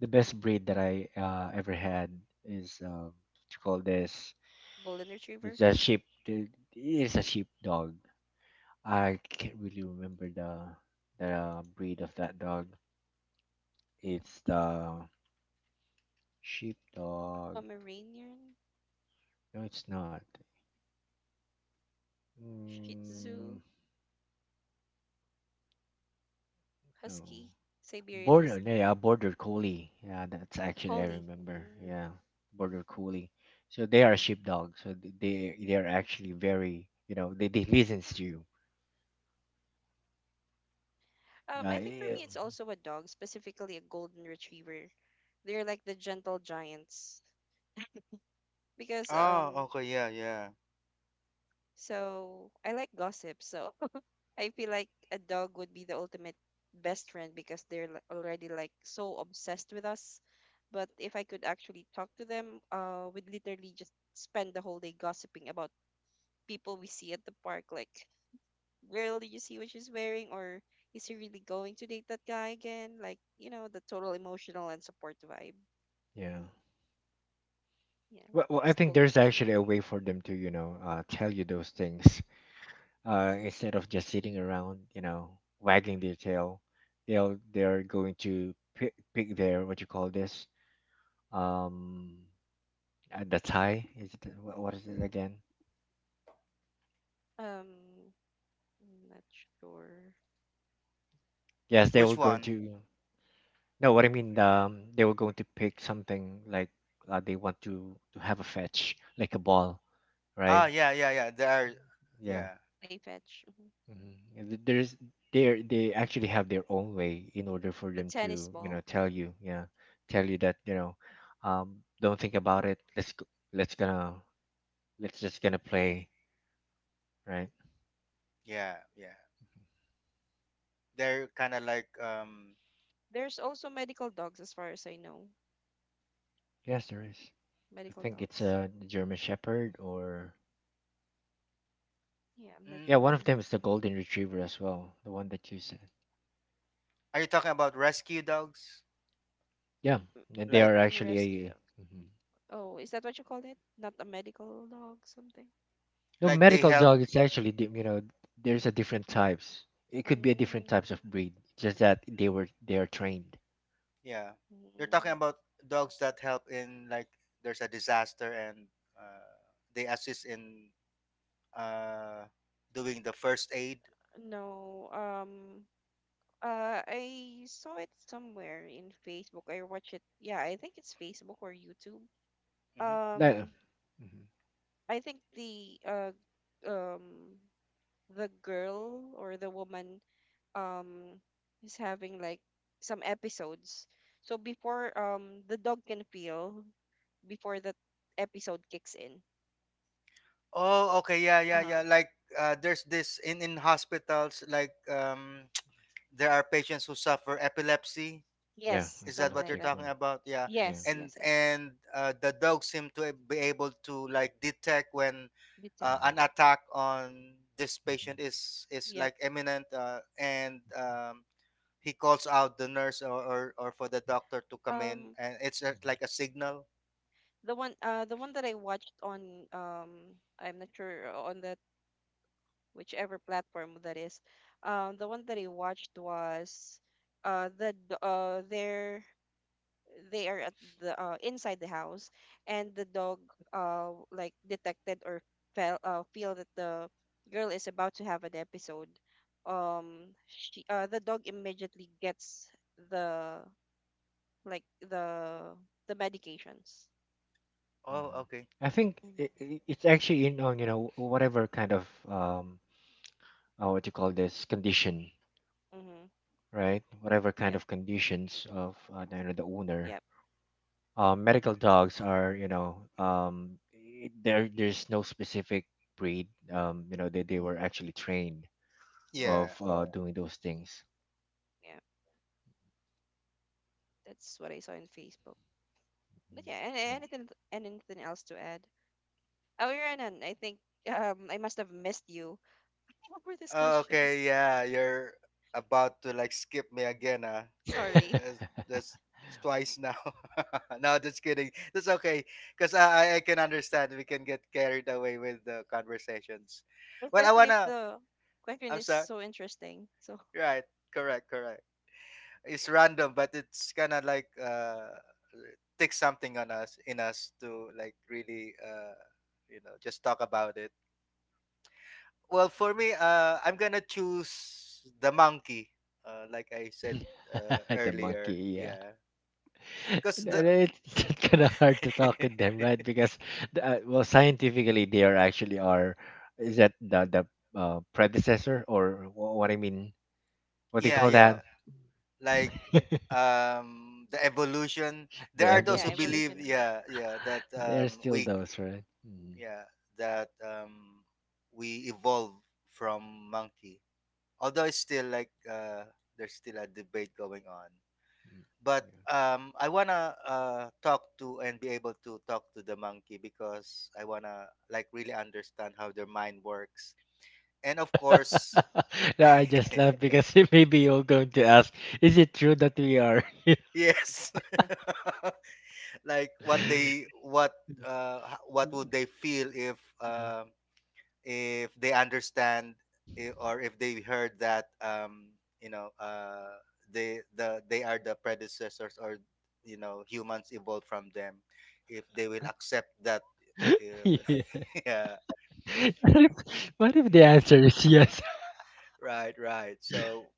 the
Mhm.
best breed that I uh, ever had is um, what you call this?
Golden
It's
Retriever,
a sheep. It is a sheep dog. I can't really remember the the um, breed of that dog. It's the sheepdog.
Pomeranian,
No, it's not.
Shih Tzu,
Mm, no.
Husky, Siberian
Border. No,
Husky,
yeah, border collie. Yeah, that's actually I
Collie.
remember.
Mm.
Yeah, border collie. So they are sheepdog. So th- they they are actually very you know they they listen to you.
Um,
Uh,
I think for
yeah.
me, it's also a dog, specifically a golden retriever. They're like the gentle giants because
Oh,
um,
okay, yeah, yeah.
so I like gossip, so I feel like a dog would be the ultimate best friend because they're li- already like so obsessed with us. But if I could actually talk to them, uh, we'd literally just spend the whole day gossiping about people we see at the park. Like, girl, did you see what she's wearing? Or is he really going to date that guy again? Like, you know, the total emotional and support vibe.
Yeah.
Yeah,
Well, well, I
just
think
golden
there's
retriever.
actually a way for them to you know uh, tell you those things uh, instead of just sitting around you know wagging their tail. They'll they're going to pick pick their what you call this um uh, the Thai is it wha- what is it again?
Um, I'm not sure.
Yes, they were
Which
going
one?
to No, what I mean um they were going to pick something like uh, they want to to have a fetch like a ball,
Ah,
right?
yeah, yeah, yeah. They are,
Yeah.
yeah,
Play fetch. Mhm.
Mm-hmm. There's they they actually have their own way in order for
The
them
tennis
to you know
ball.
tell you, yeah, tell you that you know um don't think about it, let's go, let's gonna let's just gonna play, right?
yeah, yeah. They're kind of like, um,
There's also medical dogs, as far as I know.
Yes, there is. I
Medical
think it's
dogs.
a German Shepherd or.
Yeah, I'm not
mm,
Yeah, one of
sure.
them is the
Um,
golden retriever as well, the one that you said.
are you talking about rescue dogs?
Yeah,
m-
and they
Like,
are actually
rescue
a
dog.
mhm.
Oh, is that what you call it? Not a medical dog, something.
No
like they
medical
help?
dog. It's actually di- you know There's a different types. It could be a different
Mm,
types of breed. Just that they were they are trained.
Yeah. You're talking
mm.
about dogs that help in like there's a disaster and uh, they assist in uh doing the first aid.
No. Um. Uh, I saw it somewhere in Facebook. I watched it. Yeah, I think it's Facebook or YouTube.
Hmm.
Like, uh,
Um,
mm-hmm.
I think the uh um the girl or the woman um is having like some episodes. So before um the dog can feel before the episode kicks in.
Oh, okay, yeah, yeah,
Uh-huh.
yeah. Like, uh, there's this in in hospitals, like, um. There are patients who suffer epilepsy.
Yeah,
Yes,
Is that
something
what
like
you're
epileptic.
that.
talking
Or,
about? Yeah,
yeah.
Yes,
and
yes, yes.
and uh, the dog seem to be able to like detect when
You check.
uh,
Mm-hmm.
an attack on this
Hmm.
patient is is
Yep.
like imminent, uh, and um, he calls out the nurse, or, or or for the doctor
Hmm.
to come in,
Um
and it's uh, like a signal.
the one uh the one that I watched on um I'm not sure on that whichever platform that is. Um the one that I watched was uh the d- uh their they are at the uh, inside the house and the dog uh like detected or felt uh, feel that the girl is about to have an episode um she uh, the dog immediately gets the like the the medications.
Oh, okay,
I
okay,
think
Mm-hmm,
it, it- it's actually in on you know whatever kind of um uh, what you call this condition,
mm-hmm.
right? Whatever kind
Yep,
of conditions of uh,
yep,
you know the owner
yep.
uh, medical dogs are you know um, i- there there's no specific breed, um, you know, they, they were
Mm-hmm,
actually trained
mm-hmm.
of
yeah.
uh, yeah, doing those things.
Yeah, that's what I saw in Facebook. But
Mm,
yeah, and
yeah.
anything, anything else to add? Oh, you. I think um I must have missed you. What were these
Oh,
questions.
okay, yeah, you're about to like skip me again, huh?
Sorry.
That's, that's twice now. No, just kidding. That's okay, cause I I I can understand we can get carried away with the conversations. Well, I
Especially if
wanna.
the question
I'm
is
sorry.
so interesting. So
Right. Correct. Correct. It's random, but it's kind of like uh, takes something on us in us to like really uh, you know, just talk about it. Well, for me, uh, I'm gonna choose the monkey. Uh, like I said uh,
The
earlier,
monkey, yeah.
yeah, because the
Then it's kind of hard to talk with them, right? Because the- uh, well scientifically they are actually are. Is that the the uh, predecessor or wh- what I mean, what do you
yeah,
call
yeah,
that?
before,
like um, the evolution. There
The
are those
yeah,
who
evolution.
evolution
believe,
of man.
yeah, yeah, that
They're
um,
still
we,
those, right? Mm-hmm.
yeah, that um, we evolve from monkey. Although it's still like uh, there's still a debate going on.
Mm.
But um, I wanna uh, talk to and be able to talk to the monkey because I wanna like really understand how their mind works, and of
Yeah.
course,
No, I just laugh because maybe you're going to ask, is it true that we are?
yes, like what they what uh h- what would they feel if
Yeah.
um if they understand i- or if they heard that um you know uh they the they are the predecessors, or you know, humans evolved from them, if they will accept that, uh,
Yeah.
yeah.
What if, what if the answer is yes?
Right, right, so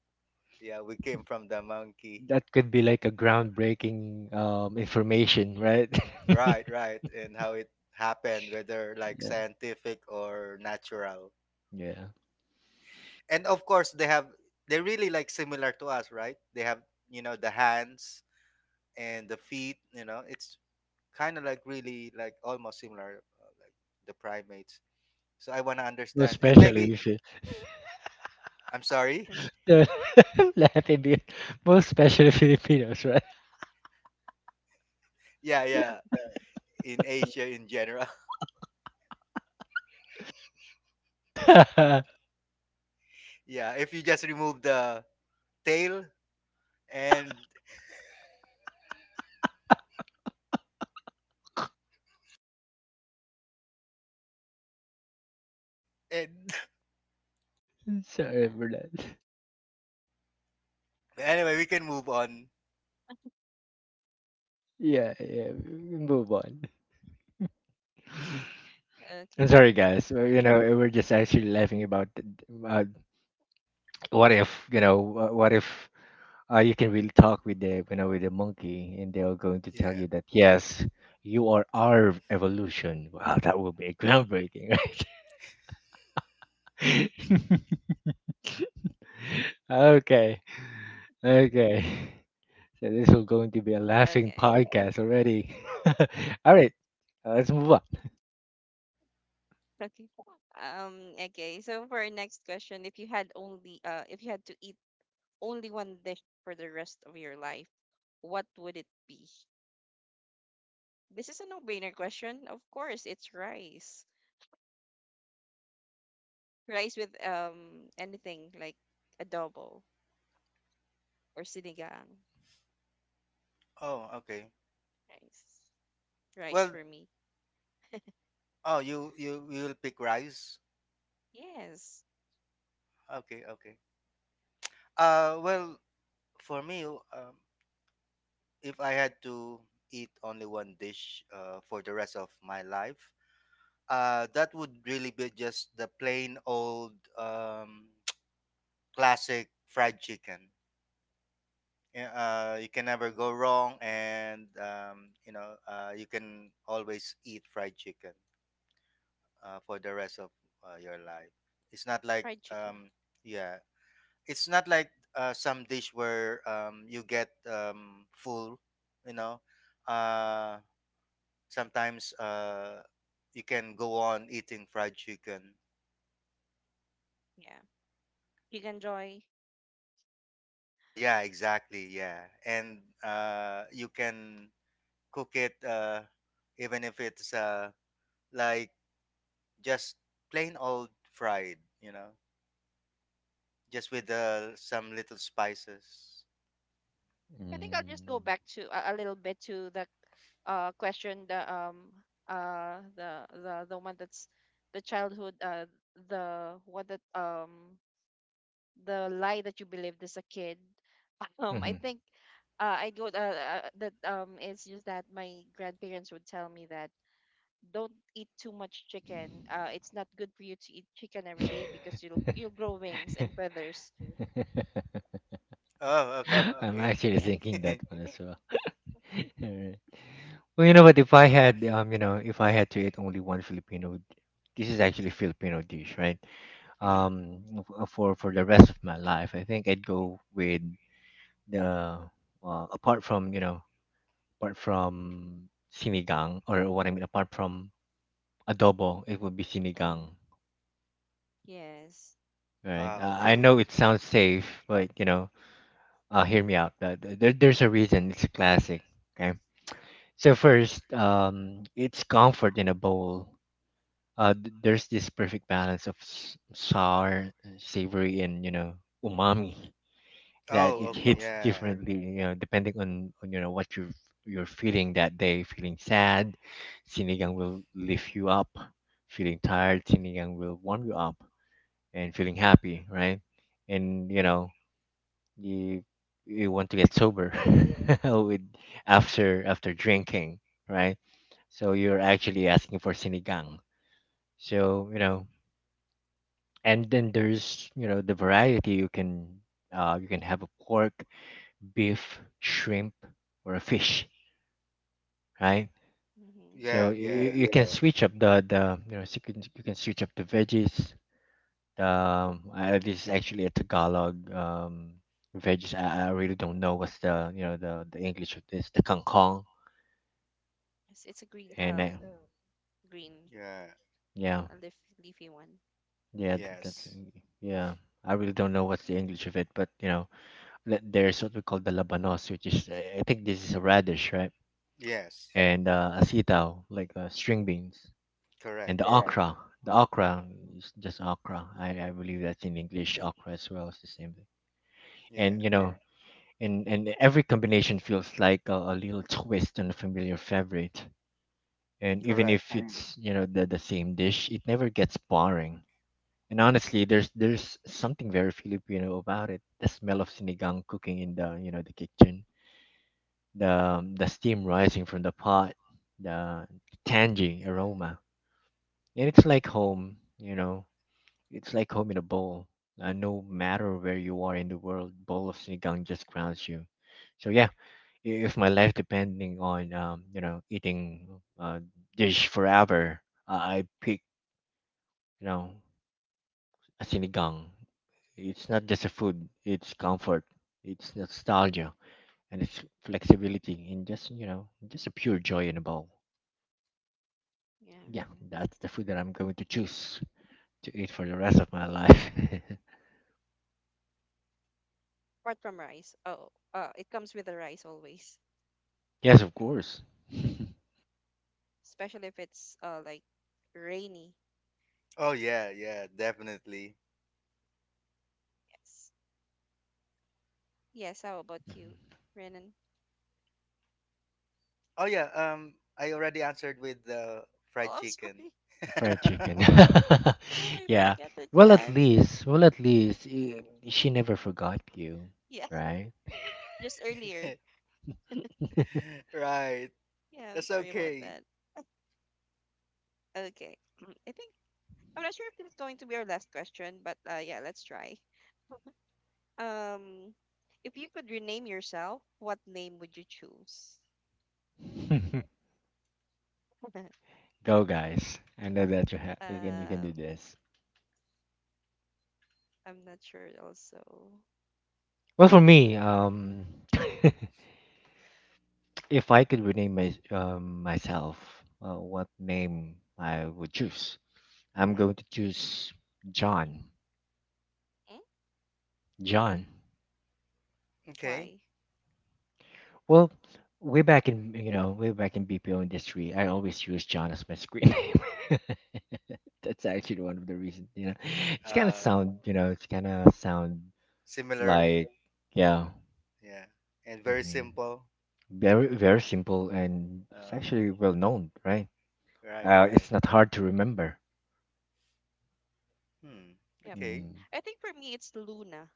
yeah, we came from the monkey.
That could be like a groundbreaking um information, right?
Right, right, and how it happened, whether like
Yeah.
scientific or natural,
Yeah.
and of course they have, they're really like similar to us, right? They have you know the hands and the feet, you know it's kind of like really like almost similar uh, like the primates, so I want to
Most
understand and
especially
maybe
if you
I'm sorry.
laughing because most especially Filipinos, right?
Yeah, yeah, in Asia in general. Yeah, if you just remove the tail and and
Sorry
Yeah.
for that.
anyway, we can move on.
Yeah, yeah. we- we Move on. I'm
Okay.
sorry, guys. Uh, You know, we're just actually laughing about uh, what if you know wha- what if uh, you can really talk with the you know with the monkey, and they're going to tell
Yeah.
you that yes, you are our evolution. Wow, that will be groundbreaking, right? Okay, okay. So this is going to be a laughing
Okay.
podcast already. All right, uh, let's move on.
Okay. Um. Okay. So for our next question, if you had only, uh, if you had to eat only one dish for the rest of your life, what would it be? This is a no-brainer question. Of course, it's rice. Rice with um anything like adobo or sinigang.
Oh, okay.
Rice. Rice
Well,
for me.
oh, you, you you will pick rice.
Yes.
Okay, okay. Uh well, for me, um, if I had to eat only one dish uh, for the rest of my life, Uh, that would really be just the plain old um, classic fried chicken. Yeah, Uh, you can never go wrong, and um, you know uh, you can always eat fried chicken uh, for the rest of uh, your life. It's not like
Fried chicken.
um, yeah, it's not like uh, some dish where um, you get um, full. You know, uh, sometimes uh, you can go on eating fried chicken.
Yeah. Chicken joy.
Oh yeah, exactly. Yeah, and uh, you can cook it uh, even if it's uh, like just plain old fried, you know, just with uh, some little spices.
I think I'll just go
Mm.
back to a, a little bit to the uh question the um uh the the the one that's the childhood uh the what that um the lie that you believed as a kid. Um I think uh, I go uh, uh, that um it's just that my grandparents would tell me that don't eat too much chicken. Uh, it's not good for you to eat chicken every day because you'll you'll grow wings and
Hmm.
feathers.
Oh, okay,
I'm
okay.
actually
Yeah.
thinking that one as well. Alright. Well, you know what? If I had, um, you know, if I had to eat only one Filipino, d- this is actually Filipino dish, right?
Hmm.
Um, f- uh, for for the rest of my life, I think I'd go with the uh, apart from you know, apart from sinigang or what I mean, apart from adobo, it would be
Mm-hmm.
sinigang,
Yes.
right?
Ah,
Uh, I know
okay.
it sounds safe, but you know, uh, hear me out. Uh, th- there, there's a reason. It's a classic. Okay. So first, um, it's comfort in a bowl. Uh, th- there's this perfect balance of s- sour, savory, and you know umami that
Oh,
Yeah.
it
okay.
hits
Yeah,
differently, you know, depending on, on you know what you you're feeling that day. Feeling sad, sinigang will lift you up. Feeling tired, sinigang will warm you up, and feeling happy, right? And you know, you you want to get sober with after after drinking, right? So you're actually asking for sinigang. So you know, and then there's you know the variety you can uh, you can have a pork, beef, shrimp, or a fish, right?
Mm-hmm.
So
yeah,
you, you
yeah,
you can. Yeah. Switch up the the you know so you can, you can switch up the veggies. Um, I, this is actually a Tagalog um, veggies. I, I really don't know what's the you know the the English of this. The kangkong
It's, it's a green
and uh,
um green
yeah.
yeah,
uh leaf leafy one.
yeah, th- that's
Yes,
yeah. I really don't know what's the English of it, but you know th- there's what we call the labanos, which is I I think this is a radish, right?
yes.
And uh, asitaw, like uh, string beans, and
Correct.
the. Yeah. Okra. The okra is just okra. I, I believe that's in English. Okra as well is the same thing.
Yeah,
And you. Yeah. Know, and and every combination feels like a, a little twist on a familiar favorite, and even if.
correct.
Mm. It's you know the, the same dish, it never gets boring. And honestly, there's there's something very Filipino about it: the smell of sinigang cooking in the you know the kitchen, the um, the steam rising from the pot, the tangy aroma, and it's like home, you know, it's like home in a bowl. Uh, no matter where you are in the world, bowl of sinigang just grounds you. So yeah, if my life depending on um, you know eating uh, dish forever, I I pick, you know a sinigang. It's not just a food; it's comfort, it's nostalgia, and it's flexibility, and just you know just a pure joy in a bowl.
Yeah.
Yeah, that's the food that I'm going to choose to eat for the rest of my life.
Apart from rice. Oh, uh it comes with the rice always,
Yes, of course,
especially if it's uh like rainy.
Oh yeah, yeah, definitely.
Yes. Yes, how about you, Renan?
Oh yeah, um I already answered with the
Oh,
fried
I'm
chicken.
sorry.
fried chicken.
No, I
Yeah.
forgot that you
Well, at
answered.
least, well, at least eh, she never forgot you,
Yeah,
right?
just earlier.
Right.
Yeah, I'm
That's
sorry about
okay.
that. Okay. I think I'm not sure if this is going to be our last question, but uh yeah, let's try. Um, if you could rename yourself, what name would you choose?
Go guys. I know that you have. You can you can do
um,
this.
I'm not sure also.
Well for me, um if I could rename my, um, myself, uh, what name I would choose. I'm
Mhm.
going to choose John.
Hmm?
John.
Okay.
Why?
Well, way back in you know, way back in B P O industry, I always use John as my screen name. That's actually one of the reasons, you know. It's kind of
Uh
sound, you know, it's kind of sound
Similar.
like yeah.
Yeah. And very
Hmm.
simple.
Very, very simple, and it's
Uh-huh.
actually well known, right?
Right,
Uh,
right.
it's not hard to remember.
Hmm.
Yep.
Okay.
Mm.
I think for me it's Luna.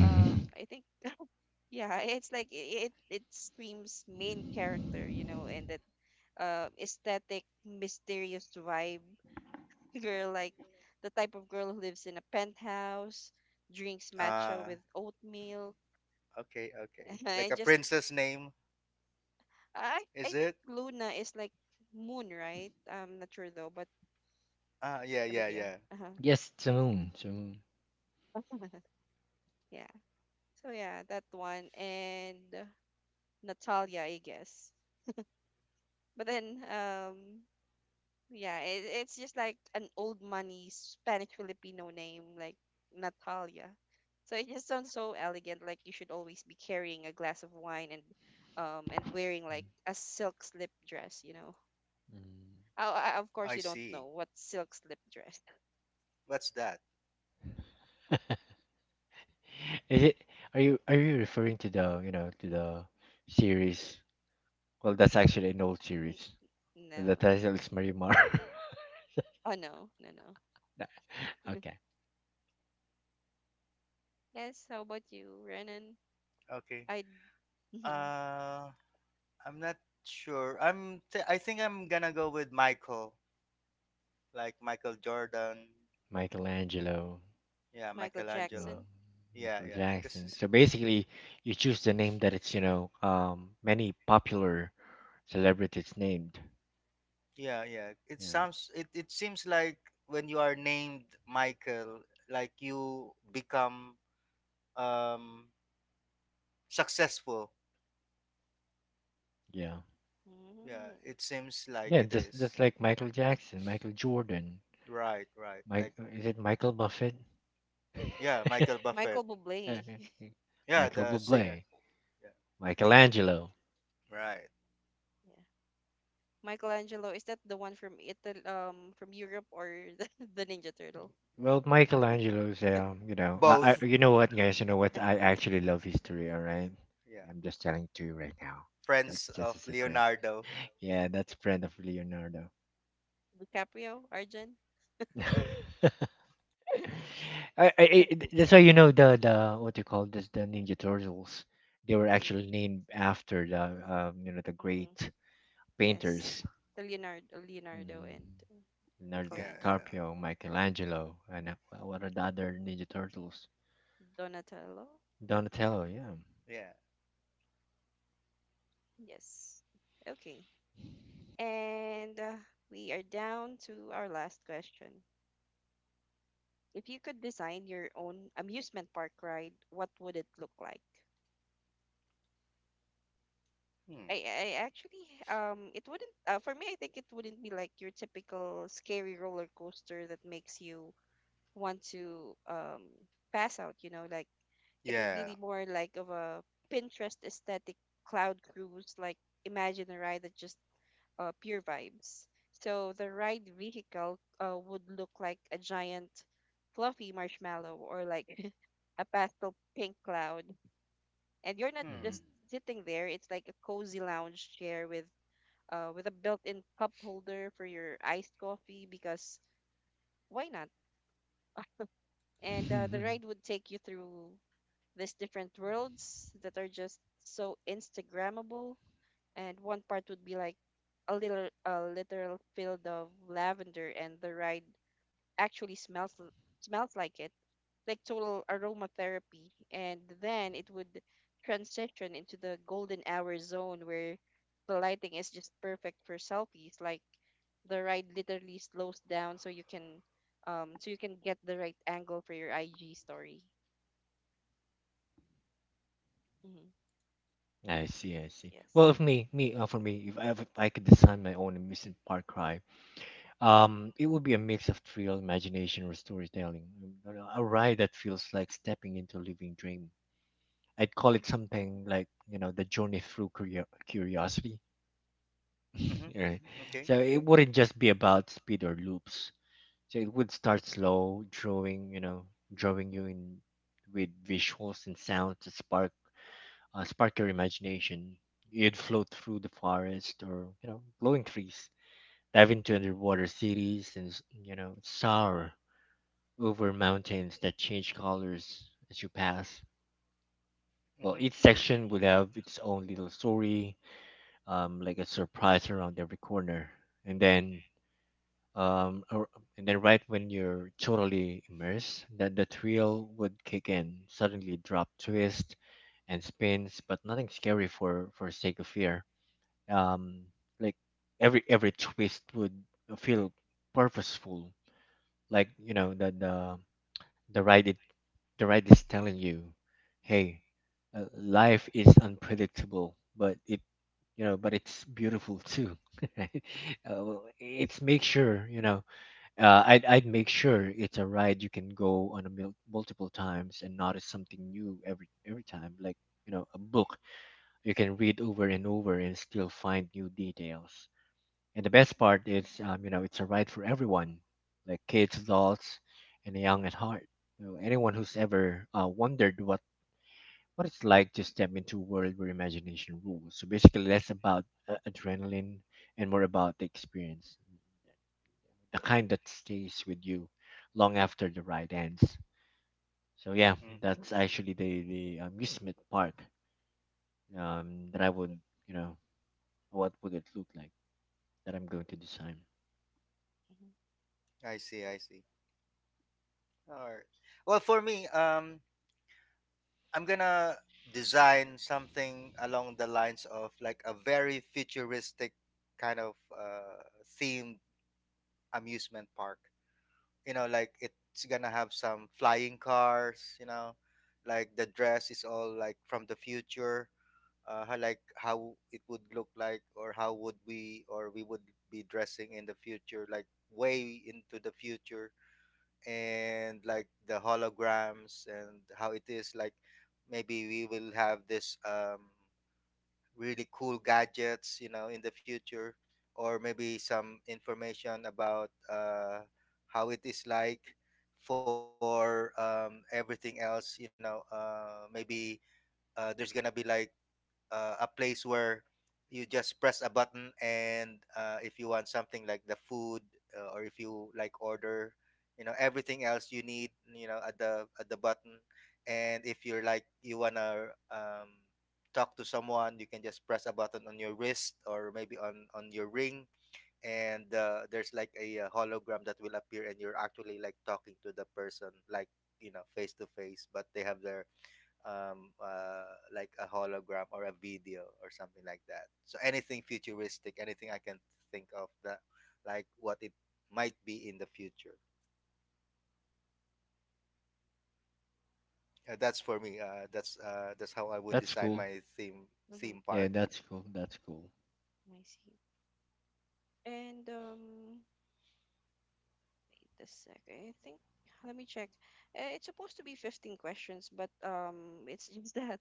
Um, I think yeah, it's like it it screams main character, you know, and that uh, aesthetic, mysterious vibe. Girl, like the type of girl who lives in a penthouse, drinks matcha
Uh
with oatmeal,
okay, okay. Like
and
a
just
princess name,
I I
is
think
it?
Luna is like moon, right? I'm not sure though, but
Ah. Yeah,
but
yeah,
yeah.
yeah.
Uh-huh.
Yes, Samoon, Samoon.
Yeah. So yeah, that one and uh, Natalia, I guess. But then um yeah, it, it's just like an old money Spanish Filipino name like Natalia. So it just sounds so elegant like you should always be carrying a glass of wine and um and wearing
Mm.
like a silk slip dress, you know. I, I, of
I
course you don't
see.
know what silk slip dress.
What's that?
Mm. Is it? Are you are you referring to the you know to the series? Well, that's actually an old
N-
series. The
No.
title is Marimar.
Oh no, no, no.
Okay,
Yes, how about you, Renan?
Okay.
I
Uh I'm not sure. I'm th- I think I'm going to go with Michael. Like Michael Jordan,
Michelangelo.
yeah,
Michael
Well,
Michelangelo,
Jackson.
yeah,
Michael
yeah,
Jackson.
because
So basically, you choose the name that it's you know um many popular celebrities named.
yeah, yeah, it
Yeah,
sounds, it it seems like when you are named Michael, like you become um successful.
yeah,
Yeah,
Mm.
it seems like
yeah.
it
Just
is.
just like Michael Jackson, Michael Jordan,
Right, right.
Mike.
Like
uh, Is it Michael Buffett?
yeah, Michael Buffett.
Michael Bublé.
Yeah,
Michael
the singer.
Bublé,
Yeah,
Michelangelo.
right.
Yeah. Michelangelo, is that the one from Italy, um, from Europe or the, the Ninja Turtle?
Well, Michelangelo's. Um, you know, I,
Both.
I. You know what, guys? You know what? I actually love history. All right,
Yeah,
I'm just
Yeah.
telling to you right now. That's
friends
just
of
a secret.
Leonardo.
Yeah, that's friend of Leonardo.
DiCaprio, Arjun.
I, I, I-
Let's move
that's how
on.
you know the the what you call this the Ninja Turtles. They were
Mm-hmm.
actually named after the um, you know the
Mm-hmm.
great
Yes.
painters,
The Leonardo, Leonardo and
mm,
uh,
Leonardo
Yeah,
Michelangelo.
DiCaprio, Michelangelo, and uh, wha- what are the other Ninja Turtles?
Donatello.
Donatello, yeah.
yeah, yeah.
Yes. Okay. And uh, we are down to our last question. If you could design your own amusement park ride, what would it look like?
Hmm.
I, I actually um it wouldn't uh, for me I think it wouldn't be like your typical scary roller coaster that makes you want to um pass out, you know, like it would be
Yeah.
the more like of a Pinterest aesthetic cloud cruise, like imagine a ride that just uh, pure vibes. So the ride vehicle uh, would look like a giant fluffy marshmallow or like a pastel pink cloud, and you're not
Hmm.
just
Hmm.
sitting there, it's like a cozy lounge chair with uh with a built-in cup holder for your iced coffee, because why not? And uh, the ride would take you through these different worlds that are just so instagrammable. And one part would be like a little a literal field of lavender, and the ride actually smells l- smells like it, like total aromatherapy. And then it would transition into the golden hour zone where the lighting is just perfect for selfies. Like, the ride literally slows down so you can um so you can get the right angle for your I G story. Mm-hmm.
I see, I see. Well,
Yes.
if me, me uh, for me, if I, if I could design my own amusement park ride, Um, it would be a mix of thrill, imagination, or storytelling. Um, you know, A ride that feels like stepping into a living dream. I'd call it
Mm-hmm.
something like, you know, the journey through curio- curiosity.
Mm-hmm.
Right?
Okay.
So it wouldn't just be about speed or loops. So it would start slow, drawing, you know, drawing you in with visuals and sounds to spark uh, spark your imagination. You'd float through the forest or, you know, glowing trees, dive into underwater cities, and s- you know soar over mountains that change colors as you pass. Well,
Mm-hmm.
each section would have its own little story, um, like a surprise around every corner. And then, um, ar- and then right when you're totally immersed, that the thrill would kick in. Suddenly, drop, twist, and spins, but nothing scary for for sake of fear. Um, like every every twist would feel purposeful, like you know that the the ride it, the ride is telling you, hey, uh, life is unpredictable, but it, you know, but it's beautiful too. uh, well, it's make sure, you know, uh, I'd I'd make sure it's a ride you can go on a mil- multiple times and notice something new every every time, like you know, a book you can read over and over and still find new details. And the best part is, um, you know, it's a ride for everyone, like kids, adults, and the young at heart. You know, anyone who's ever uh, wondered what what it's like to step into a world where imagination rules. So basically, less about uh, adrenaline and more about the experience, the kind that
I
stays
see.
with you long after the ride ends. So yeah,
Hmm.
that's actually the the amusement park um, that I would, you know, what would it look like that I'm going to design.
Mm-hmm.
I see. I see. All right. Well, for me, um, I'm gonna design something along the lines of like a very futuristic kind of uh, themed amusement park. You know, like it's gonna have some flying cars. You know, like the dress is all like from the future. Uh, how, like how it would look like, or how would we, or we would be dressing in the future, like way into the future, and like the holograms and how it is like maybe we will have this um, really cool gadgets you know in the future, or maybe some information about uh, how it is like for um, everything else you know uh, maybe uh, there's gonna be like uh, a place where you just press a button and uh, if you want something like the food uh, or if you like order you know everything else you need you know at the at the button, and if you're like you wanna um, talk to someone, you can just press a button on your wrist or maybe on on your ring, and uh, there's like a, uh hologram that will appear and you're actually like talking to the person like you know face to face, but they have their um, uh, like a hologram or a video or something like that. So anything futuristic, anything I can think of that, like what it might be in the future. Uh, that's for me. Uh, that's uh, that's how I would
That's
design
cool.
my theme
Mm-hmm.
theme
Yeah,
park.
that's cool. That's cool.
I see. And um, give a sec. I think let me check. Uh, It's supposed to be fifteen questions, but um, it's just that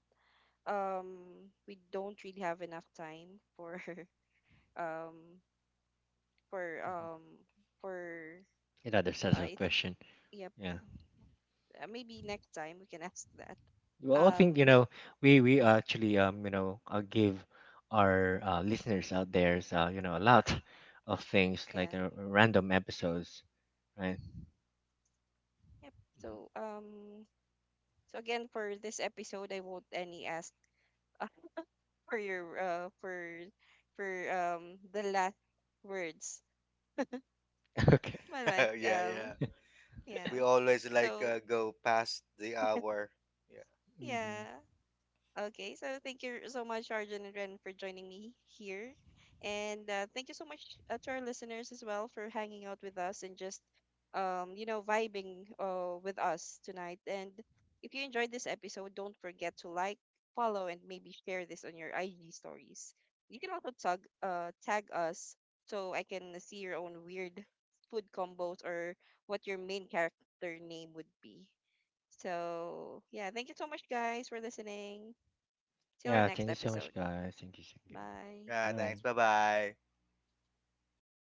um we don't really have enough time for um for
Hmm.
um for
Another set of
I think
question.
yep,
Yeah.
uh, maybe next time we can ask that.
Well, I think you
Um,
know we we
yeah,
actually um you know uh, give our uh, listeners out there uh, you know a lot of things like
yeah,
uh, random episodes, right?
yep. So, um, so again for this episode, I won't any ask for your uh for for um the last words,
Okay.
but like
Yeah, yeah.
um
We
yeah.
always like
So
uh, go past the hour. Yeah.
Hmm.
yeah, okay, so thank you so much, Arjun and Ren, for joining me here. And uh, thank you so much uh, to our listeners as well for hanging out with us and just, um, you know, vibing uh, with us tonight. And if you enjoyed this episode, don't forget to like, follow, and maybe share this on your I G stories. You can also tag, uh, tag us so I can see your own weird food combos or what your main character name would be. So, yeah, thank you so much, guys, for listening. Till our
Yeah. Thank
next
you so much,
episode.
guys. Thank you. Thank you.
Bye.
Yeah.
Bye.
Thanks. Bye bye.